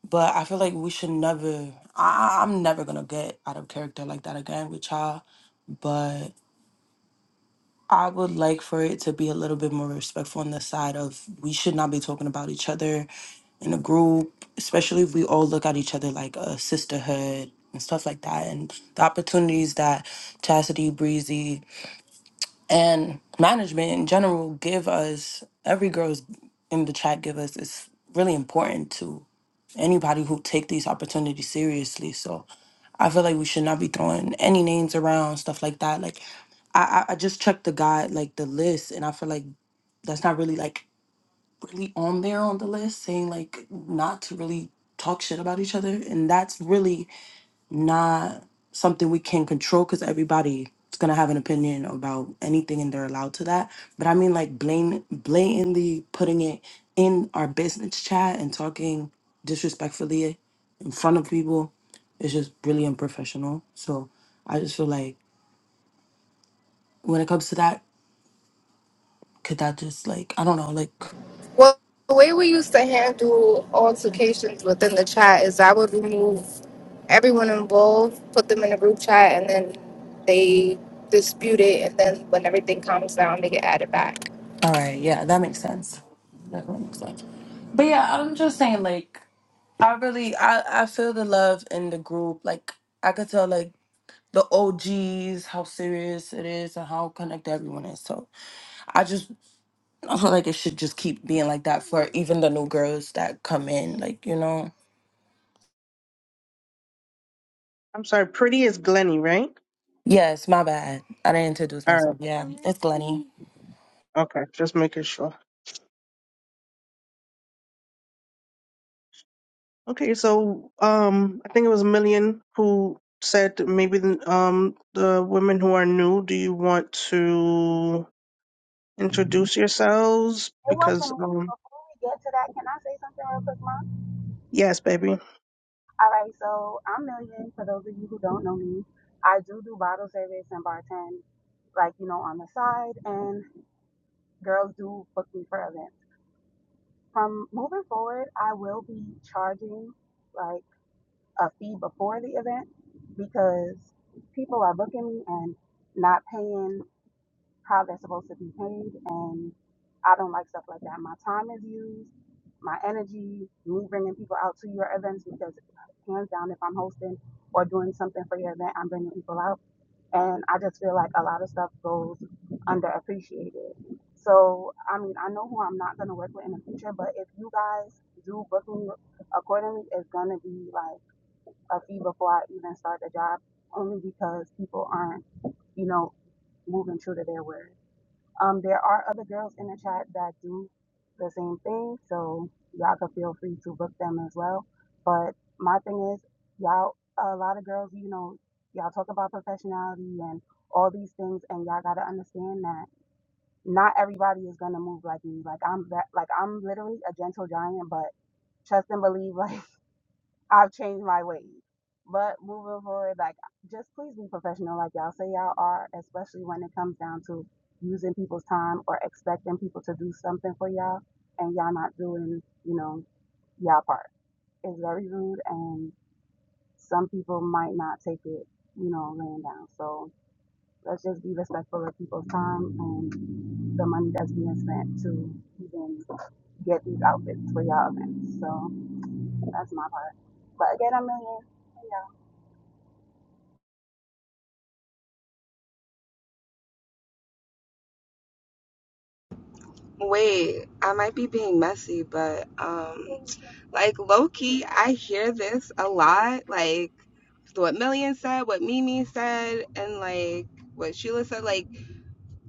S8: But I feel like we should never. I, I- I'm never gonna get out of character like that again with y'all. But I would like for it to be a little bit more respectful on the side of we should not be talking about each other in a group, especially if we all look at each other like a sisterhood and stuff like that. And the opportunities that Chastity, Breezy, and management in general give us, every girl's in the chat give us, is really important to anybody who take these opportunities seriously. So I feel like we should not be throwing any names around, stuff like that. Like, I I I just checked the guide, like the list, and I feel like that's not really like really on there on the list, saying like not to really talk shit about each other, and that's really not something we can control because everybody is gonna have an opinion about anything and they're allowed to that. But I mean like blame blatantly putting it in our business chat and talking disrespectfully in front of people is just really unprofessional. So I just feel like when it comes to that, could that just like I don't know, like
S13: Well, the way we used to handle altercations within the chat is I would remove everyone involved, put them in a group chat, and then they dispute it. And then when everything calms down, they get added back.
S8: all right, yeah, that makes sense. Definitely makes sense. But yeah, I'm just saying like I really I, I feel the love in the group. Like I could tell like the OGs, how serious it is, and how connected everyone is. So I just <laughs> I feel like it should just keep being like that for even the new girls that come in. Like you know.
S1: I'm sorry. Pretty is Glenny, right?
S8: Yes, my bad. I didn't introduce
S1: All right.
S8: myself. Yeah, it's Glenny.
S1: Okay. Just making sure. Okay. So um I think it was a million who said maybe the, um the women who are new. Do you want to introduce yourselves?
S11: It wasn't
S1: Because
S11: me.
S1: um
S11: Before we get to that, can I say something real quick, Mom?
S1: yes, baby.
S11: All right, so I'm Million. For those of you who don't know me, I do do bottle service and bartend. like you know on the side and girls do book me for events from moving forward i will be charging like a fee before the event because people are booking me and not paying how they're supposed to be paid and i don't like stuff like that my time is used my energy me bringing people out to your events because hands down if i'm hosting or doing something for your event i'm bringing people out and I just feel like a lot of stuff goes underappreciated. So, I mean, I know who I'm not gonna work with in the future, but if you guys do book me accordingly, it's gonna be like a fee before I even start the job, only because people aren't, you know, moving true to their word. Um, there are other girls in the chat that do the same thing, so y'all can feel free to book them as well. But my thing is, y'all, a lot of girls, you know, y'all talk about professionality and all these things, and y'all gotta understand that not everybody is gonna move like me. Like I'm that, like I'm literally a gentle giant, but trust and believe, like <laughs> I've changed my ways. But moving forward, like just please be professional, like y'all say y'all are, especially when it comes down to using people's time or expecting people to do something for y'all and y'all not doing, you know, y'all part. It's very rude and some people might not take it, you know, laying down. So let's just be respectful of people's time and the money that's being spent to even get these outfits for y'all events. So that's my part. But again, a million.
S14: Wait, I might be being messy, but um, like low key, I hear this a lot. Like what Million said, what Mimi said, and like what Sheila said. Like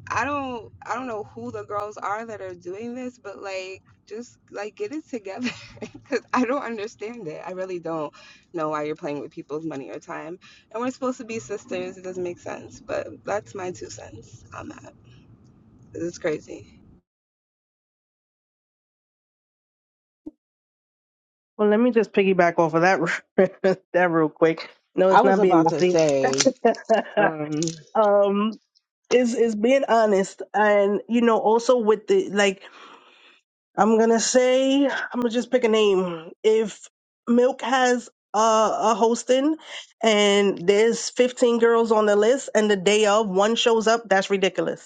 S14: I don't, I don't know who the girls are that are doing this, but like just like get it together <laughs> because I don't understand it. I really don't know why you're playing with people's money or time. And we're supposed to be sisters. It doesn't make sense. But that's my two cents on that. It's crazy.
S1: Well, let me just piggyback off of that <laughs> that real quick. No,
S9: I
S1: it's
S9: was
S1: not being
S9: about to
S1: messy.
S9: say.
S1: <laughs>
S9: Um,
S1: um is is being honest and you know also with the like i'm gonna say i'm gonna just pick a name if milk has a, a hosting and there's 15 girls on the list and the day of one shows up that's ridiculous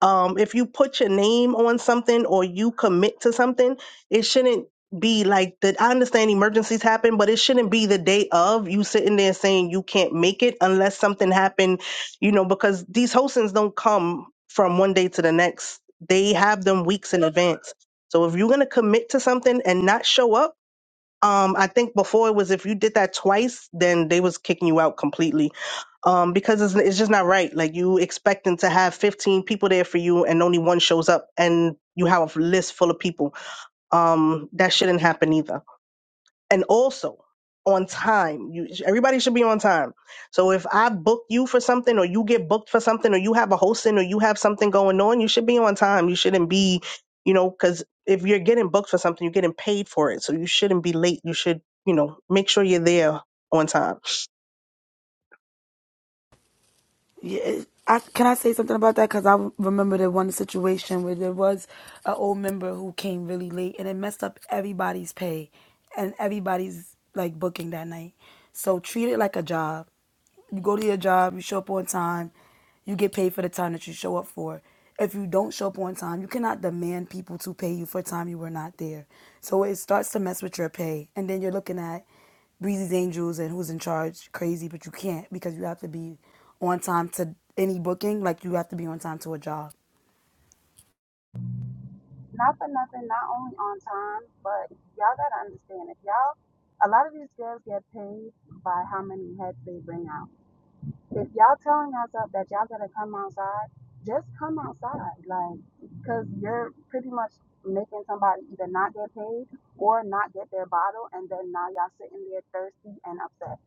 S1: um, if you put your name on something or you commit to something, it shouldn't be like that. I understand emergencies happen, but it shouldn't be the day of you sitting there saying you can't make it unless something happened, you know, because these hostings don't come from one day to the next. They have them weeks in advance. So if you're going to commit to something and not show up, um, I think before it was if you did that twice, then they was kicking you out completely. Um, because it's it's just not right. Like you expecting to have 15 people there for you and only one shows up and you have a list full of people. Um, that shouldn't happen either and also on time. You everybody should be on time. So if I book you for something or you get booked for something or you have a hosting or you have something going on, you should be on time. You shouldn't be, you know, cuz if you're getting booked for something, you're getting paid for it. So you shouldn't be late. You should, you know, make sure you're there on time.
S2: Yeah, I, can I say something about that? Because I remember the one situation where there was an old member who came really late, and it messed up everybody's pay and everybody's like booking that night. So treat it like a job. You go to your job, you show up on time, you get paid for the time that you show up for. If you don't show up on time, you cannot demand people to pay you for time you were not there. So it starts to mess with your pay. And then you're looking at Breezy's Angels and who's in charge crazy, but you can't because you have to be on time to any booking, like you have to be on time to a job.
S11: not for nothing, not only on time, but y'all gotta understand if y'all, a lot of these girls get paid by how many heads they bring out. If y'all telling us up that y'all gotta come outside, just come outside, like, cause you're pretty much making somebody either not get paid or not get their bottle, and then now y'all sitting there thirsty and upset.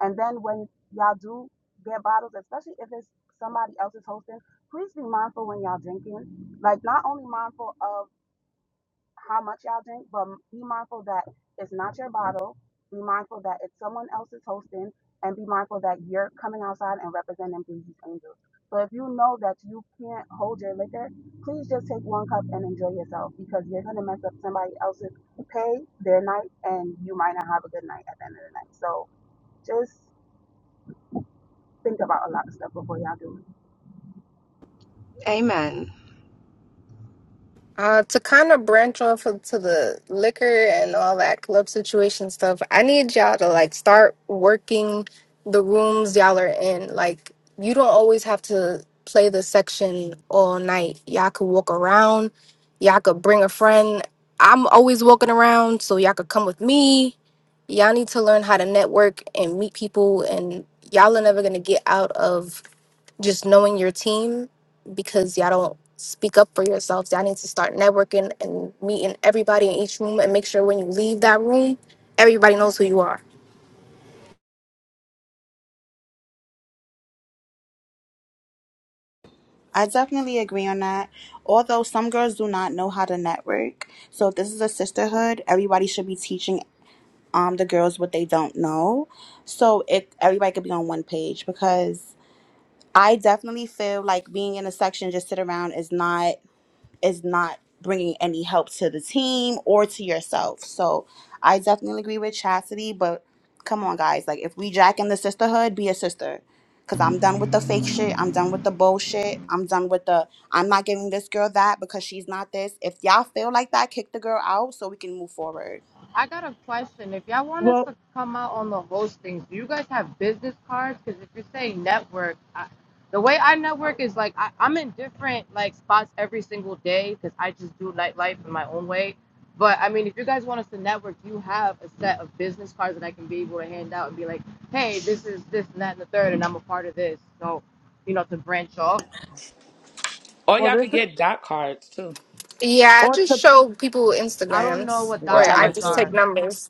S11: And then when y'all do get bottles, especially if it's somebody else's hosting, please be mindful when y'all drinking. Like, not only mindful of how much y'all drink, but be mindful that it's not your bottle. Be mindful that it's someone else's hosting, and be mindful that you're coming outside and representing Breezy's Angels. So if you know that you can't hold your liquor, please just take one cup and enjoy yourself because you're gonna mess up somebody else's pay, their night, and you might not have a good night at the end of the night. So just think about a lot of stuff before y'all do it.
S14: Amen.
S13: Uh, to kind of branch off of- to the liquor and all that club situation stuff, I need y'all to like start working the rooms y'all are in. Like, you don't always have to play the section all night. Y'all could walk around, y'all could bring a friend. I'm always walking around, so y'all could come with me. Y'all need to learn how to network and meet people, and y'all are never gonna get out of just knowing your team because y'all don't speak up for yourselves. Y'all need to start networking and meeting everybody in each room and make sure when you leave that room, everybody knows who you are.
S12: I definitely agree on that. Although some girls do not know how to network, so if this is a sisterhood. Everybody should be teaching um the girls what they don't know, so it everybody could be on one page because I definitely feel like being in a section just sit around is not. is not bringing any help to the team or to yourself. So I definitely agree with Chastity, but come on, guys. Like, if we jack in the sisterhood, be a sister. Because I'm done with the fake shit. I'm done with the bullshit. I'm done with the, I'm not giving this girl that because she's not this. If y'all feel like that, kick the girl out so we can move forward.
S19: I got a question. If y'all want us
S1: Well,
S19: to come out on the hosting, do you guys have business cards? Because if you're saying network, I, the way I network is like I, I'm in different like spots every single day because I just do nightlife in my own way. But I mean, if you guys want us to network, do you have a set of business cards that I can be able to hand out and be like, hey, this is this and that and the third, and I'm a part of this. So, you know, to branch off.
S10: Or
S1: well
S10: y'all
S1: this
S10: could
S1: is
S10: get dot cards too.
S13: Yeah, I just
S1: or
S13: show people
S19: I don't know
S13: Instagrams
S19: what
S13: or
S10: Yeah,
S19: dot
S10: I do
S13: I
S19: cards
S13: just
S10: too.
S13: take
S19: are.
S13: numbers.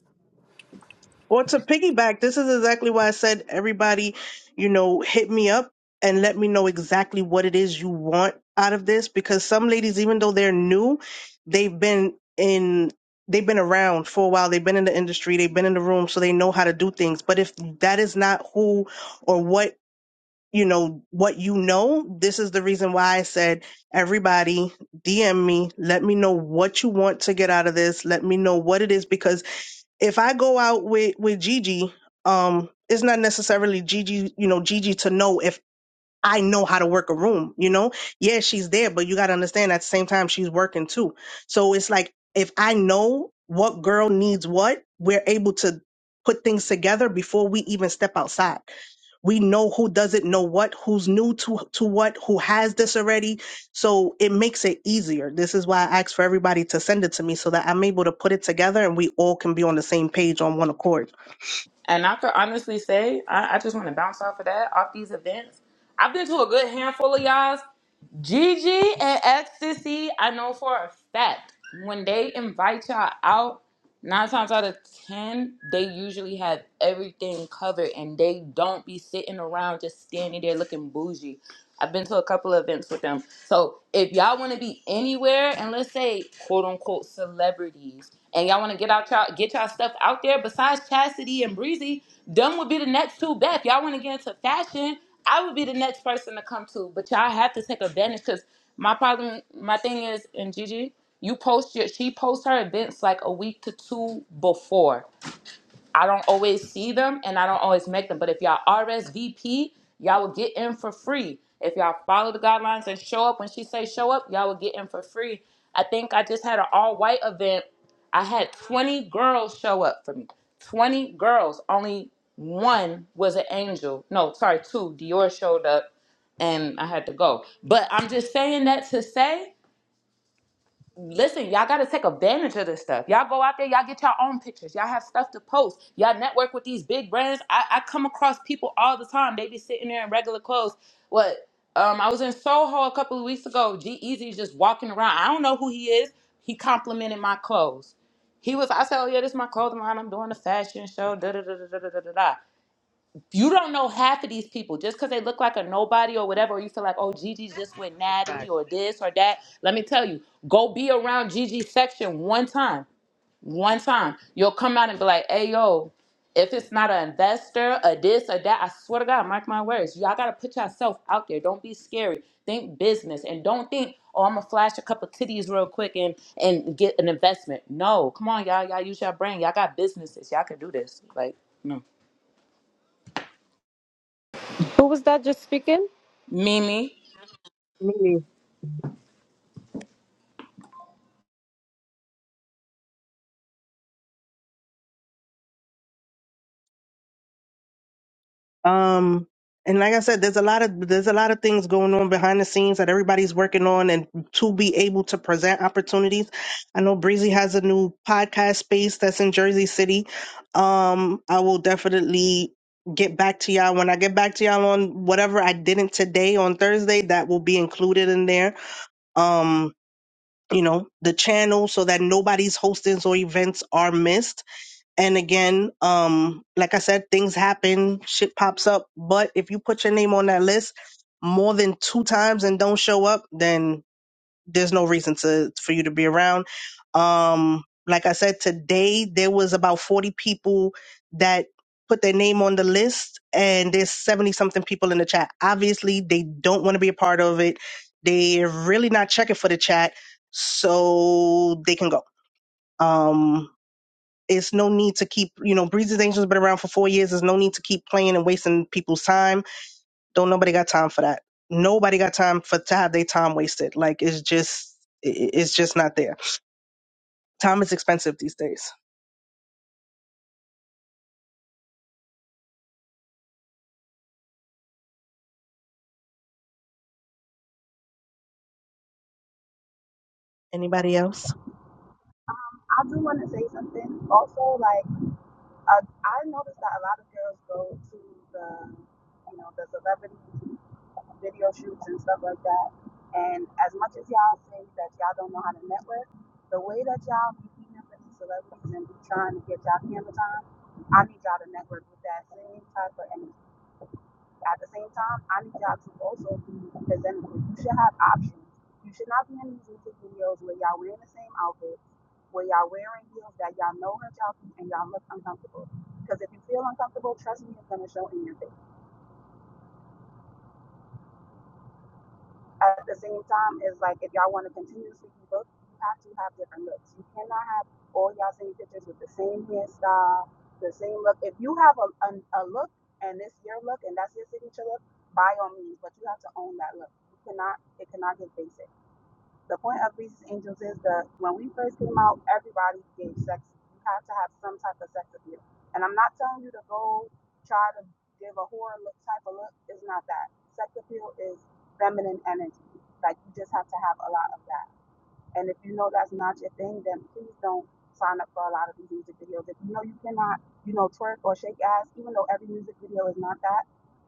S1: Or to piggyback, this is exactly why I said everybody, you know, hit me up and let me know exactly what it is you want out of this because some ladies even though they're new, they've been in they've been around for a while, they've been in the industry, they've been in the room so they know how to do things. But if that is not who or what you know what you know, this is the reason why I said everybody DM me, let me know what you want to get out of this, let me know what it is because if I go out with with Gigi, um, it's not necessarily Gigi, you know, Gigi to know if I know how to work a room, you know? Yeah, she's there, but you got to understand at the same time, she's working too. So it's like, if I know what girl needs what, we're able to put things together before we even step outside. We know who doesn't know what, who's new to, to what, who has this already. So it makes it easier. This is why I ask for everybody to send it to me so that I'm able to put it together and we all can be on the same page on one accord.
S10: And I could honestly say, I, I just want to bounce off of that, off these events. I've been to a good handful of y'all. Gigi and Ecstasy, I know for a fact when they invite y'all out, nine times out of ten, they usually have everything covered and they don't be sitting around just standing there looking bougie. I've been to a couple of events with them. So if y'all want to be anywhere and let's say quote unquote celebrities and y'all want to get out y'all get y'all stuff out there besides Chastity and Breezy, them would be the next two best. Y'all want to get into fashion, I would be the next person to come to. But y'all have to take advantage because my problem my thing is and Gigi, you post your she posts her events like a week to two before. I don't always see them and I don't always make them. But if y'all RSVP, y'all will get in for free. If y'all follow the guidelines and show up when she say show up, y'all will get in for free. I think I just had an all white event. I had 20 girls show up for me. 20 girls. Only one was an angel. No, sorry, two. Dior showed up and I had to go. But I'm just saying that to say listen, y'all gotta take advantage of this stuff. Y'all go out there, y'all get your own pictures, y'all have stuff to post, y'all network with these big brands. I, I come across people all the time. They be sitting there in regular clothes. What um I was in Soho a couple of weeks ago. G Easy's just walking around. I don't know who he is. He complimented my clothes. He was, I said, Oh yeah, this is my clothing line. I'm doing the fashion show. da da da da da da da. da." You don't know half of these people just because they look like a nobody or whatever, or you feel like, oh, Gigi just with
S19: That's a
S10: Natalie or
S19: fact.
S10: this or that. Let me tell you, go be around Gigi section one time. One time. You'll come out and be like, hey, yo, if it's not an investor, a this, or that, I swear to God, mark my words. Y'all gotta put yourself out there. Don't be scary. Think business and don't think, oh, I'm gonna flash a couple titties real quick and and get an investment. No, come on, y'all. Y'all use your brain. Y'all got businesses. Y'all can do this. Like, no.
S22: Who was that just speaking?
S10: Mimi.
S1: Um, and like I said, there's a lot of there's a lot of things going on behind the scenes that everybody's working on, and to be able to present opportunities. I know Breezy has a new podcast space that's in Jersey City. Um, I will definitely get back to y'all when I get back to y'all on whatever I didn't today on Thursday. That will be included in there. Um, you know, the channel so that nobody's hostings or events are missed and again, um, like I said, things happen, shit pops up. But if you put your name on that list more than two times and don't show up, then there's no reason to for you to be around. Um, like I said, today there was about 40 people that put their name on the list, and there's 70 something people in the chat. Obviously, they don't want to be a part of it. They're really not checking for the chat, so they can go. Um, it's no need to keep, you know, Breezy's Angels has been around for four years. There's no need to keep playing and wasting people's time. Don't nobody got time for that. Nobody got time for to have their time wasted. Like it's just, i- it's just not there. Time is expensive these days. Anybody else?
S11: I do want to say something also, like. I, I noticed that a lot of girls go to the, you know, the celebrity video shoots and stuff like that. And as much as y'all say that y'all don't know how to network, the way that y'all be meeting up with these celebrities and be trying to get y'all camera time, I need y'all to network with that same type of energy. At the same time, I need y'all to also be presentable. You should have options. You should not be in these music videos where y'all wearing the same outfit, where y'all wearing heels that y'all know hurt y'all feet and y'all look uncomfortable. Because if you feel uncomfortable, trust me, it's gonna show in your face. At the same time, it's like if y'all want to continuously look, you have to have different looks. You cannot have all y'all same pictures with the same hairstyle, the same look. If you have a, a, a look and it's your look and that's your signature look, by all means, but you have to own that look. You cannot, it cannot get basic the point of Reese's Angels is that when we first came out, everybody gave sex. You have to have some type of sex appeal. And I'm not telling you to go try to give a horror look type of look. It's not that. Sex appeal is feminine energy. Like you just have to have a lot of that. And if you know that's not your thing, then please don't sign up for a lot of these music videos. If you know you cannot, you know, twerk or shake ass, even though every music video is not that,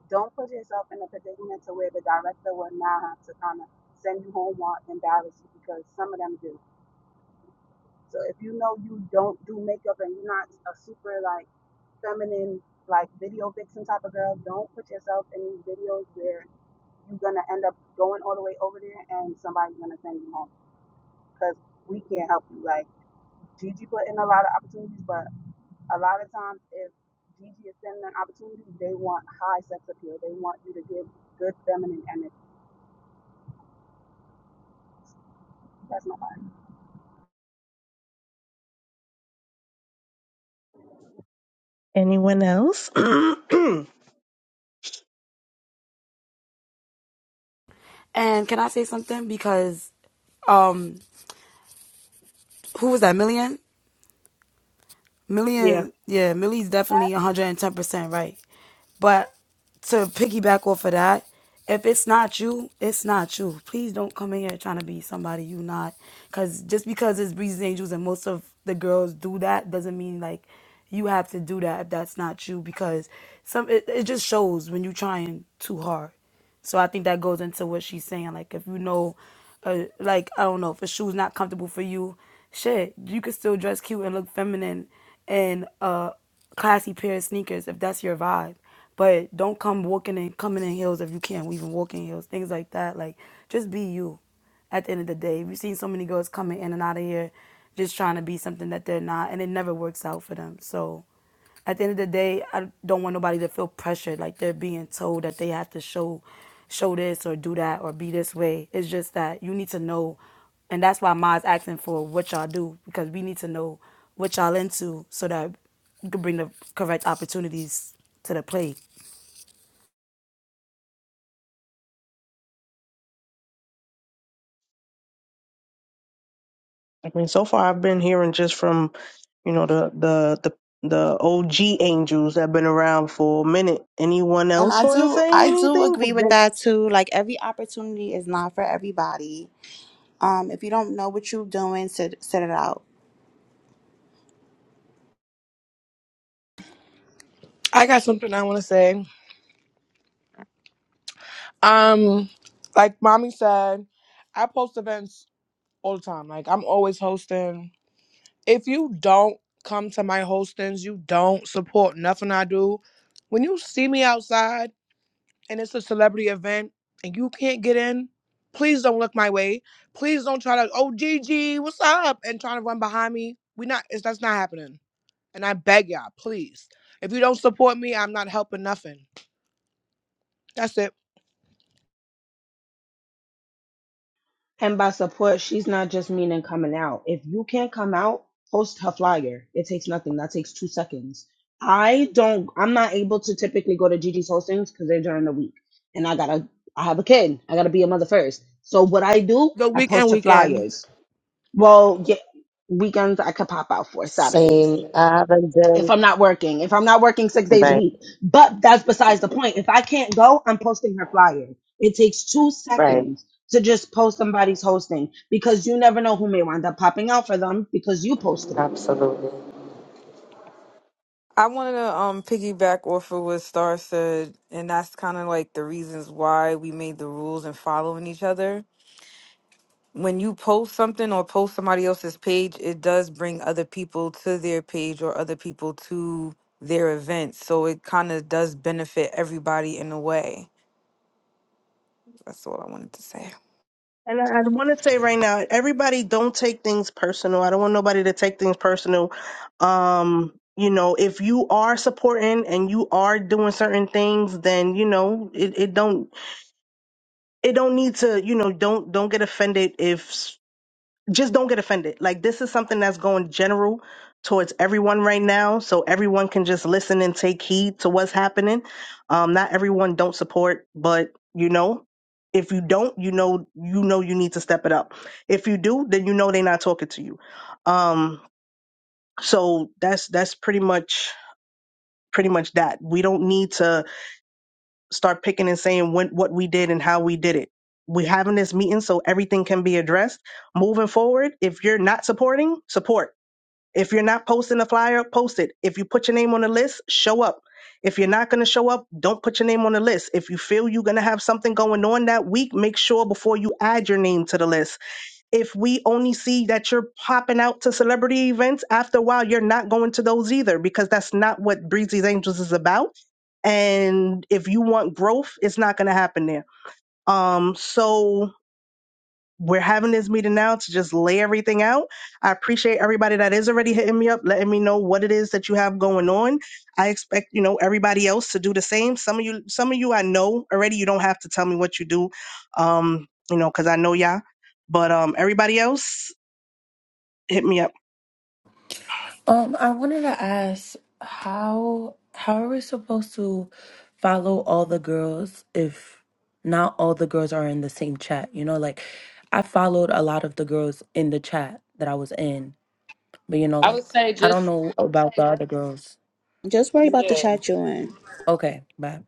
S11: don't put yourself in a predicament to where the director will now have to kind of send you home or embarrass you because some of them do. So if you know you don't do makeup and you're not a super like feminine like video vixen type of girl, don't put yourself in these videos where you're gonna end up going all the way over there and somebody's gonna send you home because we can't help you. Like Gigi put in a lot of opportunities, but a lot of times if Gigi is sending an opportunity, they want high sex appeal. They want you to give good feminine energy. That's not right.
S1: Anyone else? <clears throat> yeah.
S2: And can I say something? Because um who was that? Million? Million yeah, Millie's definitely 110% right. But to piggyback off of that, if it's not you, it's not you. Please don't come in here trying to be somebody you not. Cause just because it's Breezy's Angels and most of the girls do that doesn't mean like you have to do that if that's not you. Because some it, it just shows when you're trying too hard. So I think that goes into what she's saying. Like if you know, uh, like I don't know, if a shoe's not comfortable for you, shit, you can still dress cute and look feminine and uh classy pair of sneakers if that's your vibe. But don't come walking and coming in heels if you can't even walk in heels. Things like that. Like just be you. At the end of the day, we've seen so many girls coming in and out of here, just trying to be something that they're not, and it never works out for them. So at the end of the day, I don't want nobody to feel pressured like they're being told that they have to show show this or do that or be this way. It's just that you need to know and that's why Ma's asking for what y'all do because we need to know what y'all into so that you can bring the correct opportunities to the plate.
S1: I mean, so far I've been hearing just from, you know, the the the the OG angels that have been around for a minute. Anyone
S12: And
S1: else
S12: I
S1: want to
S12: do,
S1: say
S12: I do
S1: anything?
S12: agree with that too. Like, every opportunity is not for everybody. Um, if you don't know what you're doing, sit, sit it out.
S15: I got something I want to say. Um, like mommy said, I post events all the time. Like I'm always hosting. if you don't come to my hostings, you don't support nothing I do. When you see me outside and it's a celebrity event and you can't get in, please don't look my way. Please don't try to, oh Gigi, what's up? And trying to run behind me. We not it's, that's not happening. And I beg y'all, please. If you don't support me, I'm not helping nothing. That's it.
S9: and by support, she's not just meaning coming out. If you can't come out, post her flyer. It takes nothing. That takes two seconds. I don't. I'm not able to typically go to Gigi's hostings because they're during the week, and I gotta. I have a kid. I gotta be a mother first. So what I do,
S15: The
S9: I
S15: weekend
S9: post her
S15: weekend.
S9: flyers. Well, yeah, weekends I could pop out for Saturdays.
S21: Same. I haven't
S9: if
S21: done.
S9: I'm not working, if I'm not working six days a
S21: Right,
S9: week. But that's besides the point. If I can't go, I'm posting her flyer. It takes two
S21: right.
S9: seconds to just post somebody's hosting because you never know who may wind up popping out for them because you posted it.
S21: Absolutely.
S3: I wanted to um piggyback off of what Star said, and that's kind of like the reasons why we made the rules and following each other. When you post something or post somebody else's page, it does bring other people to their page or other people to their event. So it kind of does benefit everybody in a way. That's all I wanted to say.
S1: And I, I want to say right now, everybody don't take things personal. I don't want nobody to take things personal. Um, you know, if you are supporting and you are doing certain things, then you know it, it don't it don't need to you know don't don't get offended if just don't get offended. Like this is something that's going general towards everyone right now, so everyone can just listen and take heed to what's happening. Um, not everyone don't support, but you know, if you don't, you know, you know, you need to step it up. If you do, then you know they're not talking to you. Um, so that's that's pretty much pretty much that. We don't need to start picking and saying when what we did and how we did it. We're having this meeting so everything can be addressed moving forward. If you're not supporting, support if you're not posting a flyer, post it. If you put your name on the list, show up. If you're not going to show up, don't put your name on the list. If you feel you're going to have something going on that week, make sure before you add your name to the list. If we only see that you're popping out to celebrity events, after a while, you're not going to those either because that's not what Breezy's Angels is about. And if you want growth, it's not going to happen there. Um, so we're having this meeting now to just lay everything out. I appreciate everybody that is already hitting me up, letting me know what it is that you have going on. I expect, you know, everybody else to do the same. Some of you, some of you I know already, you don't have to tell me what you do. Um, you know, cause I know y'all. But um everybody else, hit me up.
S8: Um, I wanted to ask how how are we supposed to follow all the girls if not all the girls are in the same chat? You know, like I followed a lot of the girls in the chat that I was in, but you know,
S10: I would
S8: like
S10: say
S8: I don't
S10: just
S8: know about the other girls.
S12: Just worry about the
S10: yeah.
S12: chat you're in.
S8: Okay, bye.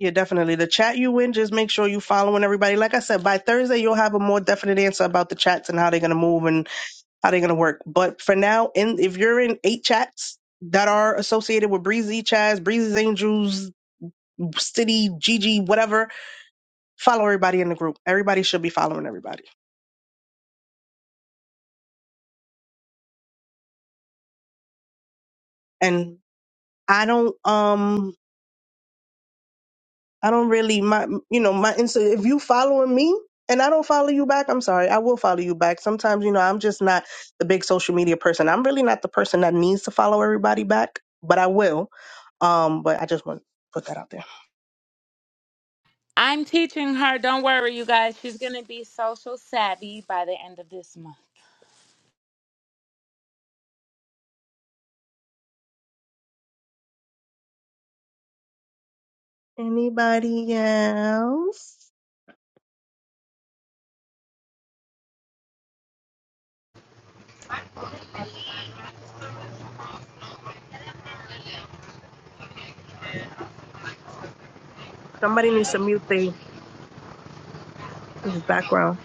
S1: Yeah, definitely. The chat you in, just make sure you following everybody. Like I said, by Thursday you'll have a more definite answer about the chats and how they're gonna move and how they're gonna work. But for now, in if you're in eight chats that are associated with Breezy Chaz, Breezy's Angels, City, Gigi, whatever, follow everybody in the group. Everybody should be following everybody. And I don't um I don't really my you know, my Insta if you following me and I don't follow you back, I'm sorry, I will follow you back. Sometimes, you know, I'm just not the big social media person. I'm really not the person that needs to follow everybody back, but I will. Um, but I just want to put that out there.
S10: I'm teaching her. Don't worry, you guys. She's gonna be social savvy by the end of this month.
S1: Anybody else? Somebody needs to mute the the background.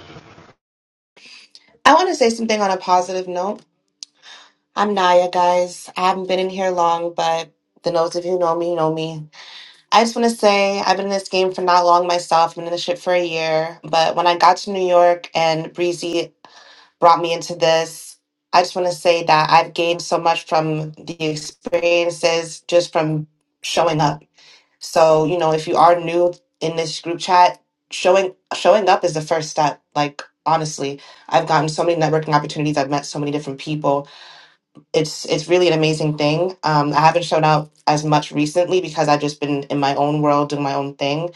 S18: I want to say something on a positive note. I'm Naya, guys. I haven't been in here long, but the those of you who know me, know me. I just want to say I've been in this game for not long myself. I've been in the ship for a year. But when I got to New York and Breezy brought me into this, I just want to say that I've gained so much from the experiences just from showing up. So, you know, if you are new in this group chat, showing showing up is the first step. Like honestly, I've gotten so many networking opportunities. I've met so many different people. It's it's really an amazing thing. Um, I haven't shown up as much recently because I've just been in my own world doing my own thing.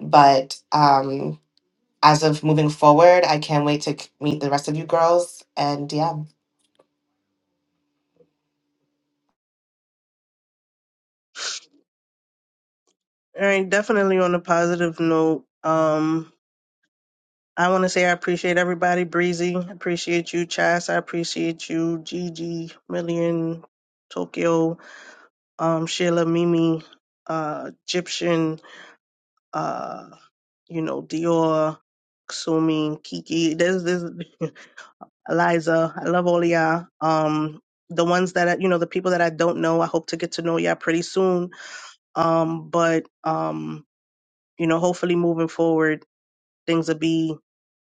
S18: But um, as of moving forward, I can't wait to c- meet the rest of you girls. And yeah.
S1: All right, definitely on a positive note. Um, I want to say I appreciate everybody. Breezy, appreciate you. Chas, I appreciate you. Gigi, Million, Tokyo, um, Sheila Mimi, uh, Egyptian, uh, you know, Dior, Ksumi, Kiki. There's this <laughs> Eliza. I love all of y'all. Um, the ones that I, you know, the people that I don't know, I hope to get to know y'all pretty soon. Um, but um, you know, hopefully moving forward, things will be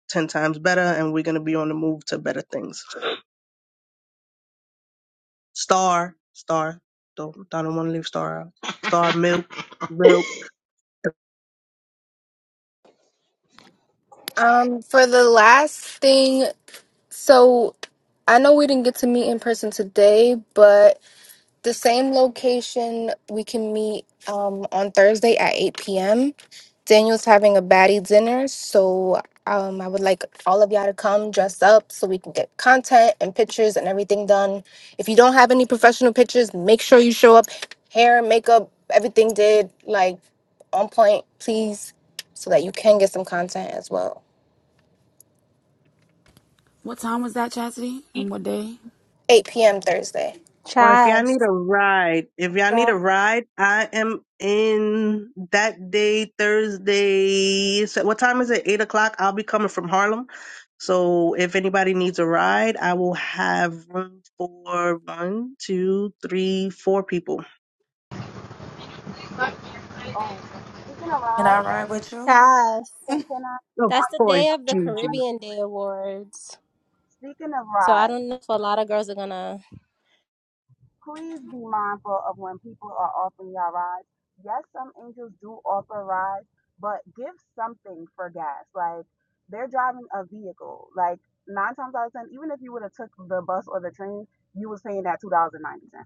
S1: ten times better, and we're gonna be on the move to better things. Star, Star, don't, I don't want to leave Star out. Star, Milk, Milk.
S13: Um, for the last thing, so I know we didn't get to meet in person today, but The same location we can meet um, on Thursday at 8 p.m. Daniel's having a baddie dinner, so um, I would like all of y'all to come dress up so we can get content and pictures and everything done. If you don't have any professional pictures, make sure you show up. Hair, makeup, everything did like on point, please, so that you can get some content as well.
S2: What time was that, Chastity? And what day?
S13: 8 p.m. Thursday.
S1: Or if y'all
S6: Chats.
S1: need a ride, if y'all need a ride, I am in that day, Thursday. So what time is it? Eight o'clock. I'll be coming from Harlem. So if anybody needs a ride, I will have room for one, two, three, four people.
S11: Oh, speaking of
S8: Can I
S11: rides,
S8: ride with you?
S6: Yes.
S11: can, can I?
S1: Of
S6: That's the
S1: course,
S6: day of the
S1: Juju.
S6: Caribbean Day Awards.
S11: Speaking of
S6: So I
S11: rides.
S6: don't know if a lot of girls are gonna.
S11: please be mindful of when people are offering y'all rides. Yes, some angels do offer rides, but give something for gas. Like they're driving a vehicle. Like nine times out of ten, even if you would have took the bus or the train, you was paying that two dollars and ninety cents.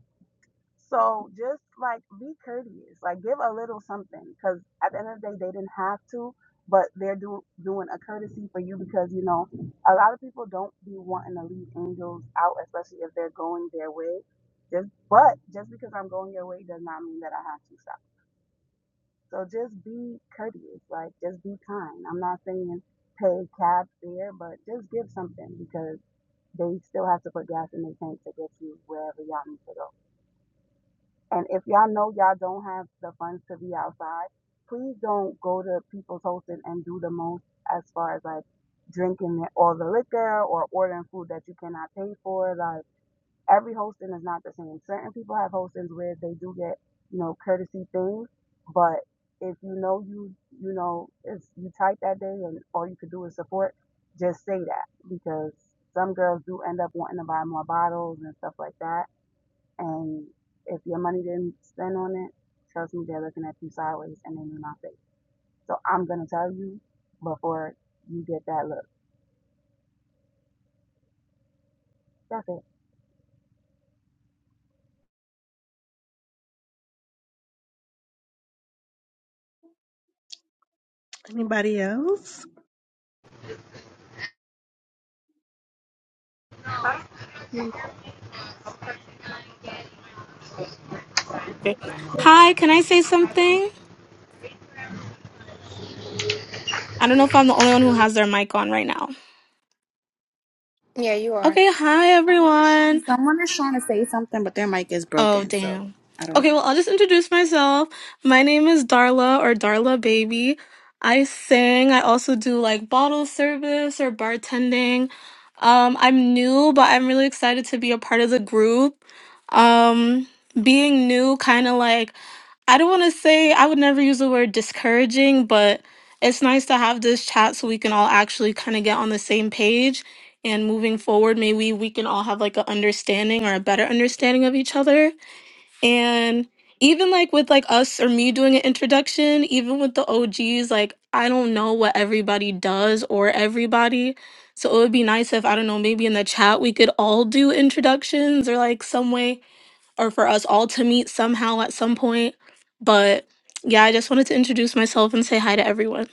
S11: So just like be courteous, like give a little something, because at the end of the day, they didn't have to, but they're do, doing a courtesy for you because you know a lot of people don't be wanting to leave angels out, especially if they're going their way. Just but just because I'm going your way does not mean that I have to stop. So just be courteous, like just be kind. I'm not saying pay cab fare, but just give something because they still have to put gas in their tank to get you wherever y'all need to go. And if y'all know y'all don't have the funds to be outside, please don't go to people's hosting and do the most as far as like drinking all the liquor or ordering food that you cannot pay for. Like every hosting is not the same. Certain people have hostings where they do get, you know, courtesy things, but if you know you you know it's you tight that day and all you could do is support, just say that because some girls do end up wanting to buy more bottles and stuff like that and if your money didn't spend on it, trust me, they're looking at you sideways and they need my face. So I'm gonna tell you before you get that look. That's it.
S1: Anybody else?
S4: Okay. Hi, can I say something? I don't know if I'm the only one who has their mic on right now.
S13: Yeah, you are.
S4: Okay, hi everyone.
S12: Someone Something, but their mic is
S4: Oh,
S12: broken, so
S4: damn.
S12: I don't.
S4: Okay, well, I'll just introduce myself. My name is Darla or Darla Baby. I sing. I also do like bottle service or bartending. Um, I'm new, but I'm really excited to be a part of the group. Um, being new, kind of like, I don't want to say, I would never use the word discouraging, but it's nice to have this chat so we can all actually kind of get on the same page. And moving forward, maybe we can all have like an understanding or a better understanding of each other. And even like with like us or me doing an introduction, even with the OGs, like I don't know what everybody does or everybody. So it would be nice if I don't know, maybe in the chat we could all do introductions or like some way or for us all to meet somehow at some point. But yeah, I just wanted to introduce myself and say hi to everyone.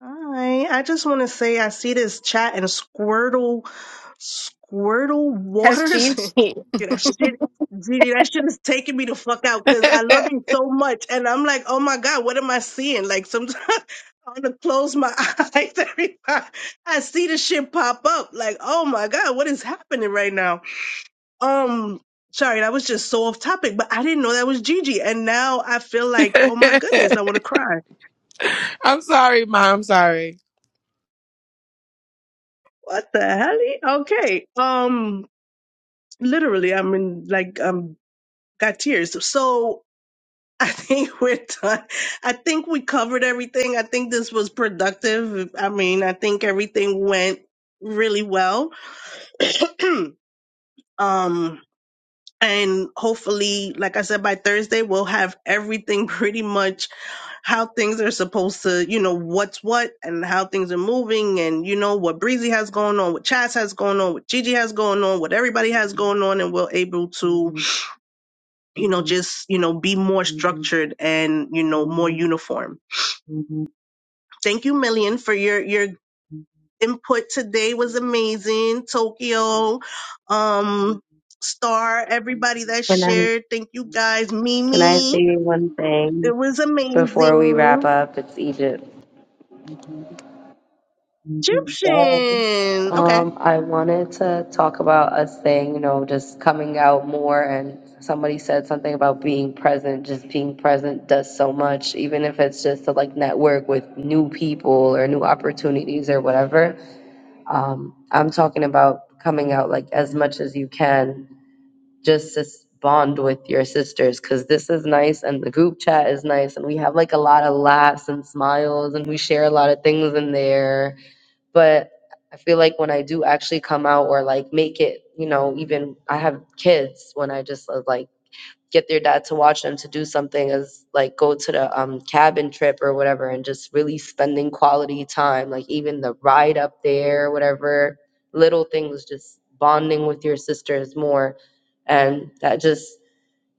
S1: Hi, I just want to say I see this chat and Squirtle, Squirtle
S13: That's
S1: Waters.
S13: Gigi.
S1: <laughs> yeah, that
S13: <laughs>
S1: shit, Gigi, that shit is taking me the fuck out
S15: <laughs>
S1: because I love you so much, and I'm like, oh my god, what am I seeing? Like sometimes <laughs> I want to close my <laughs> eyes every time I see this shit pop up. Like, oh my god, what is happening right now? Um. Sorry, that was just so off topic, but I didn't know that was Gigi. And now I feel like, oh my goodness, I want to cry.
S15: I'm sorry, Mom. I'm sorry.
S1: What the hell? Okay. Um, literally, I mean, like, um, got tears. So I think <laughs> we're done. I think we covered everything. I think this was productive. I mean, I think everything went really well. <clears throat> um, and hopefully, like I said, by Thursday, we'll have everything <laughs> pretty much how things are supposed to, you know, what's what and how things are moving and, you know, what Breezy has going on, what Chaz has going on, what Gigi has going on, what everybody has going on. And we're able to, you know, just, you know, be more structured and, you know, more uniform. Thank you, Million, for your, your input today was amazing. Tokyo, um, Star, everybody that
S21: Can I
S1: shared. Thank you guys.
S21: can I
S1: Mimi,
S21: say one thing
S1: it was
S21: before we wrap
S1: amazing.
S21: up? It's Egypt. Wow.
S1: Egyptian. okay.
S21: Um, I wanted to talk about us saying, you know, just coming out more and somebody said something about being present. Just being present does so much, even if it's just to like network with new people or new opportunities or whatever. Um, I'm talking about coming out like as much as you can just to s- bond with your sisters because this is nice and the group chat is nice and we have like a lot of laughs and smiles and we share a lot of things in there but i feel like when i do actually come out or like make it you know even i have kids when i just uh, like get their dad to watch them to do something as like go to the um cabin trip or whatever and just really spending quality time like even the ride up there whatever little things just bonding with your sisters more and that just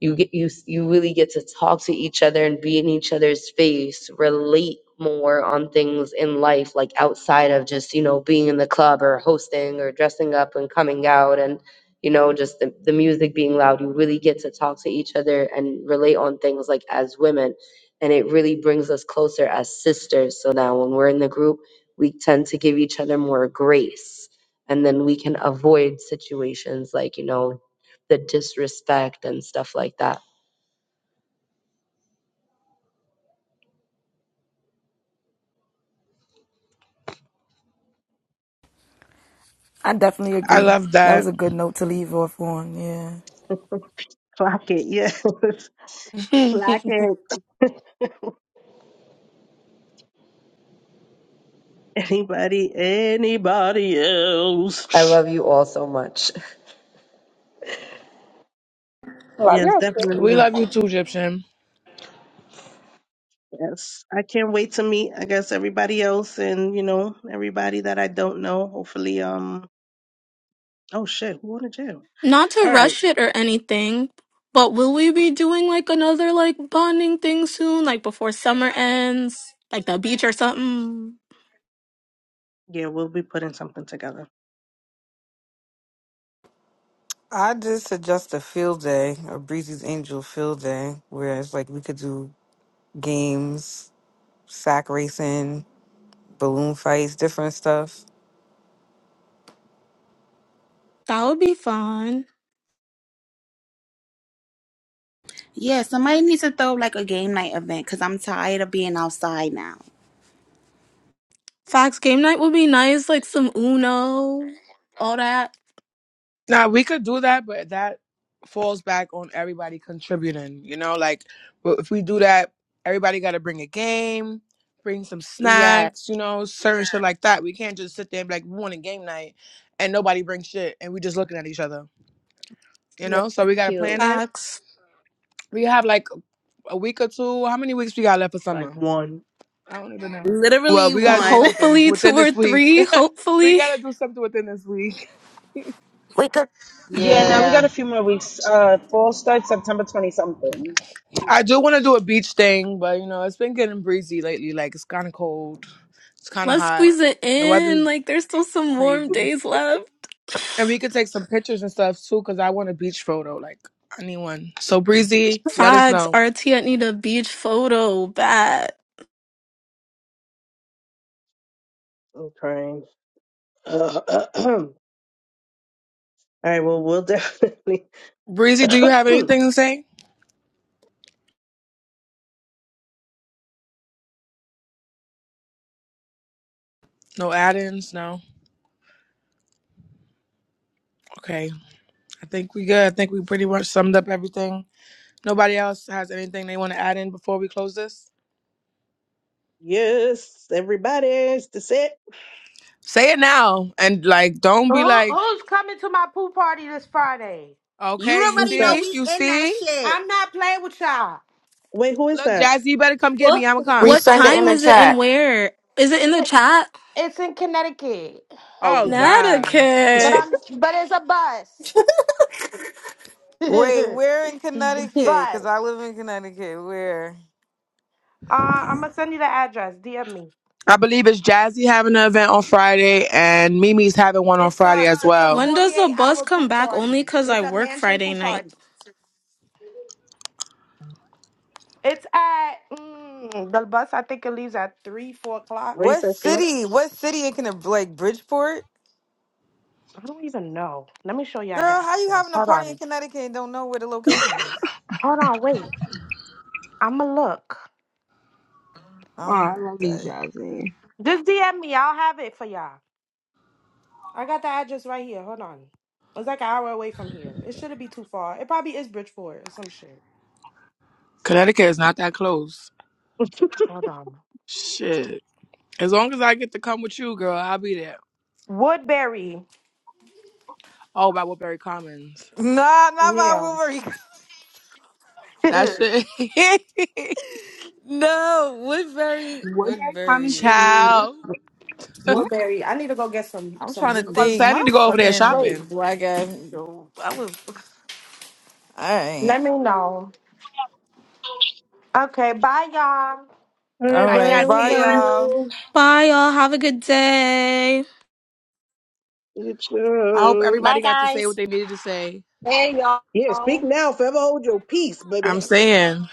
S21: you get you s- you really get to talk to each other and be in each other's face relate more on things in life like outside of just you know being in the club or hosting or dressing up and coming out and you know just the, the music being loud you really get to talk to each other and relate on things like as women and it really brings us closer as sisters so now when we're in the group we tend to give each other more grace and then we can avoid situations like you know the disrespect and stuff like that.
S2: I definitely
S15: I
S2: agree.
S15: love
S2: That was
S15: that.
S2: a good note to leave off on. Yeah.
S1: Clock it, yes.
S15: <laughs>
S1: <laughs>
S15: we
S1: Clock it. Anybody, anybody
S21: I
S1: else?
S21: love you all so much.
S1: Yes, definitely.
S15: love you too, Egyptian.
S1: Yes. I can't wait to meet, I guess, everybody else and, you know, everybody that I don't know. Hopefully, um, oh shit, who wanted jail?
S4: Not to
S1: All right.
S4: rush it or anything, but will we be doing like another like bonding thing soon, like before summer ends, like the beach or something?
S1: Yeah, we'll be putting something together.
S3: I just suggest a field day, a Breezy's Angel field day, where it's like we could do games, sack racing, balloon fights, different stuff.
S4: That would be fun.
S12: Yeah, somebody needs to throw like a game night event because I'm tired of being outside now.
S4: Fox game night would be nice, like some Uno, all that.
S15: Now we could do that, but that falls back on everybody contributing. You know, like w- if we do that, everybody got to bring a game, bring some
S12: Yeah,
S15: snacks. You know, certain shit like that. We can't just sit there and be like, "We want a game night," and nobody brings shit, and we just looking at each other. You know, so we gotta plan it.
S4: Fox,
S15: We have like a week or two. How many weeks we got left for
S1: Like
S15: summer?
S1: one.
S15: I don't even
S12: Yeah.
S15: know. Well,
S12: literally
S15: we gotta do
S12: one. <laughs>
S15: something
S4: hopefully two
S15: within
S4: or
S15: this week.
S4: three.
S15: <laughs> we
S4: Hopefully,
S15: gotta do something within this week.
S23: Wake up
S9: Yeah, now we Yeah. got Yeah. a few more weeks. Uh, fall starts September 20 something.
S15: I do want to do a beach thing, but you know, it's been getting breezy lately. Like it's kind of cold. It's kind of
S4: let's
S15: hot.
S4: squeeze it
S15: The
S4: in.
S15: weather's
S4: Like there's still some warm
S15: crazy.
S4: days left.
S15: And we could take some pictures and stuff too cuz I want a beach photo like I need one. So breezy, let us
S4: Fox,
S15: know.
S4: RT, need a beach photo bad.
S1: Okay. <clears throat> all right. Well, we'll <laughs> definitely.
S15: Breezy, do
S1: <clears throat>
S15: you have anything to say? No add-ins, no. Okay. I think we good. I think we pretty much summed up everything. Nobody else has anything they want to add in before we close this?
S1: yes, everybody. It's the set.
S15: Say it now and like don't be
S24: Who,
S15: like,
S24: who's coming to my pool party this Friday?
S12: you
S15: "Okay, you
S1: Who's
S12: already know
S1: that?
S15: see?
S12: we
S15: You
S12: in that
S15: see?"
S12: shit.
S24: I'm not playing with y'all.
S1: Wait, who is
S15: Look,
S1: that?
S15: Jazzy, you better come get me. I'ma come.
S4: What
S25: Resend it in
S4: time
S25: the
S4: is it and
S25: chat.
S4: where? Is it in the chat?
S24: It's in Connecticut,
S15: Oh God. <laughs>
S24: but
S4: Connecticut.
S1: <laughs>
S24: I'm but it's a bus.
S3: Wait, where in
S24: <laughs> It's a
S3: Connecticut? Because I
S24: bus.
S3: live in Connecticut. Where?
S24: Uh, I'm gonna send you the address. DM me.
S15: I believe it's Jazzy having an event on Friday and Mimi's having one on
S24: It's
S15: Friday
S24: a
S15: as
S24: it's a
S15: well.
S4: When does the
S24: 48
S4: bus
S24: hour
S4: come
S24: pool
S4: back?
S24: party.
S4: Only 'cause I
S24: It's a
S4: work
S24: mansion
S4: Friday
S24: pool
S4: night.
S24: party. It's at mm, the bus. I think it leaves at three four o'clock.
S1: Where you
S3: What
S1: first
S3: city? What city in Connecticut? Like Bridgeport?
S24: I don't even know. Let me show y'all
S3: Girl,
S24: that.
S3: how you having a
S24: Hold
S3: party in
S24: on.
S3: Connecticut and don't know where the location is?
S24: Hold on. Wait. I'ma look.
S14: Oh, I
S3: I'm
S14: love you,
S3: dead.
S14: Jazzy.
S24: Just DM me. I'll have it for y'all. I got the address right here. Hold on. It's like an hour away from here. It shouldn't be too far. It probably is Bridgeport or some shit.
S15: Connecticut is not that close.
S24: Hold on.
S15: Shit. As long as I get to come with you, girl, I'll be there.
S24: Woodbury.
S15: Oh, by Woodbury Commons.
S3: Nah, not
S24: Yeah.
S3: by Woodbury.
S15: That
S24: <laughs>
S15: shit. <laughs>
S3: <laughs> no, Woodbury.
S14: What day comments
S3: Woodbury.
S14: is
S15: Ciao.
S14: What?
S24: Woodbury. I need to go get some
S3: I'm
S24: some
S3: trying to
S15: I'm about to
S24: weed.
S3: think.
S15: say I
S3: My
S15: need to go over there
S24: Wait.
S3: fucking
S15: shopping.
S3: black ass. nope. I was. All right.
S24: Let me know. Okay. Bye, y'all.
S1: Alright,
S3: All
S15: Bye,
S3: right. Bye,
S15: Jazzy.
S3: y'all.
S1: Everybody,
S4: Bye, y'all. Have a good day.
S1: it's
S15: I hope
S1: your...
S7: Bye
S15: everybody got to say what
S7: guys.
S15: they needed to say.
S26: Hey
S1: Yeah,
S26: y'all.
S1: speak now. Forever hold your peace,
S15: I'm
S1: baby.
S15: saying,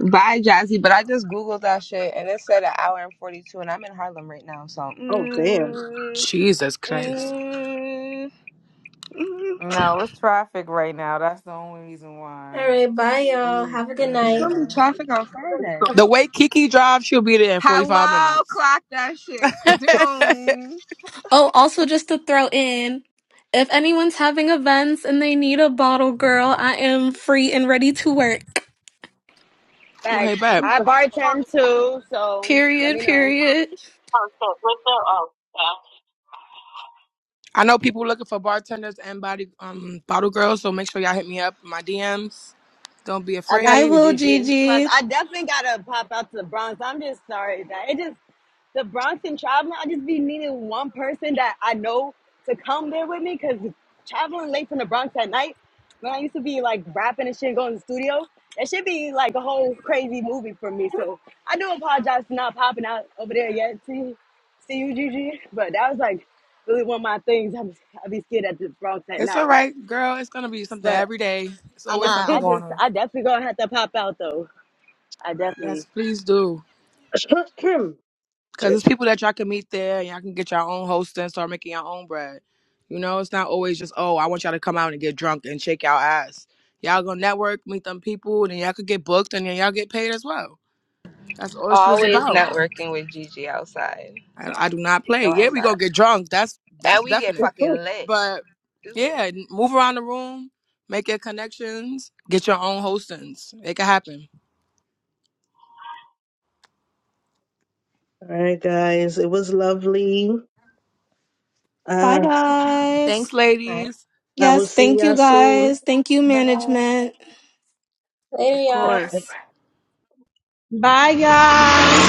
S14: Bye, Jazzy. But I just Googled that shit and it said an hour and 42, and I'm in Harlem right now. So,
S1: Oh, damn.
S14: mm,
S15: Jesus Christ.
S14: mm, mm.
S3: No, it's traffic right now. That's the only reason why.
S6: All right, bye,
S3: It
S6: y'all.
S3: was.
S6: Have a good
S14: it's
S6: night.
S14: going to be
S3: Yeah.
S14: traffic on Friday.
S15: The way Kiki drives, she'll be there in 45
S14: Hello,
S15: minutes.
S14: clock that shit.
S15: <laughs>
S14: Cause
S15: okay,
S14: you're
S4: Oh, also just to throw in, if anyone's having events and they need a bottle girl, I am free and ready to work.
S26: Facts.
S15: bet.
S26: I bartend too, so let
S4: Period,
S26: me know.
S4: period.
S1: <laughs>
S15: I know people looking for bartenders and body um bottle girls, so make sure y'all hit me up in my DMs. Don't be
S26: I
S4: I
S26: got
S15: afraid.
S26: you,
S4: will,
S26: Gigi. Plus,
S4: Gigi.
S26: I definitely gotta pop out to the Bronx. I'm just sorry that it just the Bronx and traveling. I just be needing one person that I know to come there with me because traveling late from the Bronx at night. When I used to be like rapping and shit, and going to the studio, that should be like a whole crazy movie for me. So I do apologize for not popping out over there yet. See, see you, Gigi. But that was like really one of my things. I'm, I be scared at the Bronx at
S15: It's all
S26: night,
S15: right, girl. It's gonna be something
S26: but.
S15: every day. It's
S26: I, nah,
S15: always something
S26: I
S15: going
S26: just,
S15: on.
S26: I definitely gonna have to pop out though. I
S15: Yes,
S26: definitely,
S15: please do. Cause
S1: Shit.
S15: it's people that y'all can meet there and y'all can get your own host and start making your own bread. You know, it's not always just, oh, I want y'all to come out and get drunk and shake y'all ass. Y'all gonna network, meet them people, and then y'all could get booked and then y'all get paid as well. That's all shit is
S14: always
S15: about.
S14: networking with Gigi outside. So,
S15: I, I do not play.
S14: go
S15: Yeah, we go
S14: outside.
S15: get drunk. That's
S14: And
S15: that's
S14: we get
S15: definite.
S14: fucking
S1: All
S14: lit.
S15: But
S14: Stupid.
S15: yeah, n- move around the room, make your connections, get your own hostings. Make It can happen.
S1: right, guys. It was lovely.
S4: Bye,
S1: Uh,
S4: guys.
S15: Thanks, ladies.
S1: I will
S4: Yes,
S1: see
S4: thank you,
S1: y'all soon.
S4: guys. Thank you, management.
S6: Later,
S15: Of
S6: y'all.
S15: course.
S9: Bye, guys.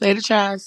S15: Later, Chaz.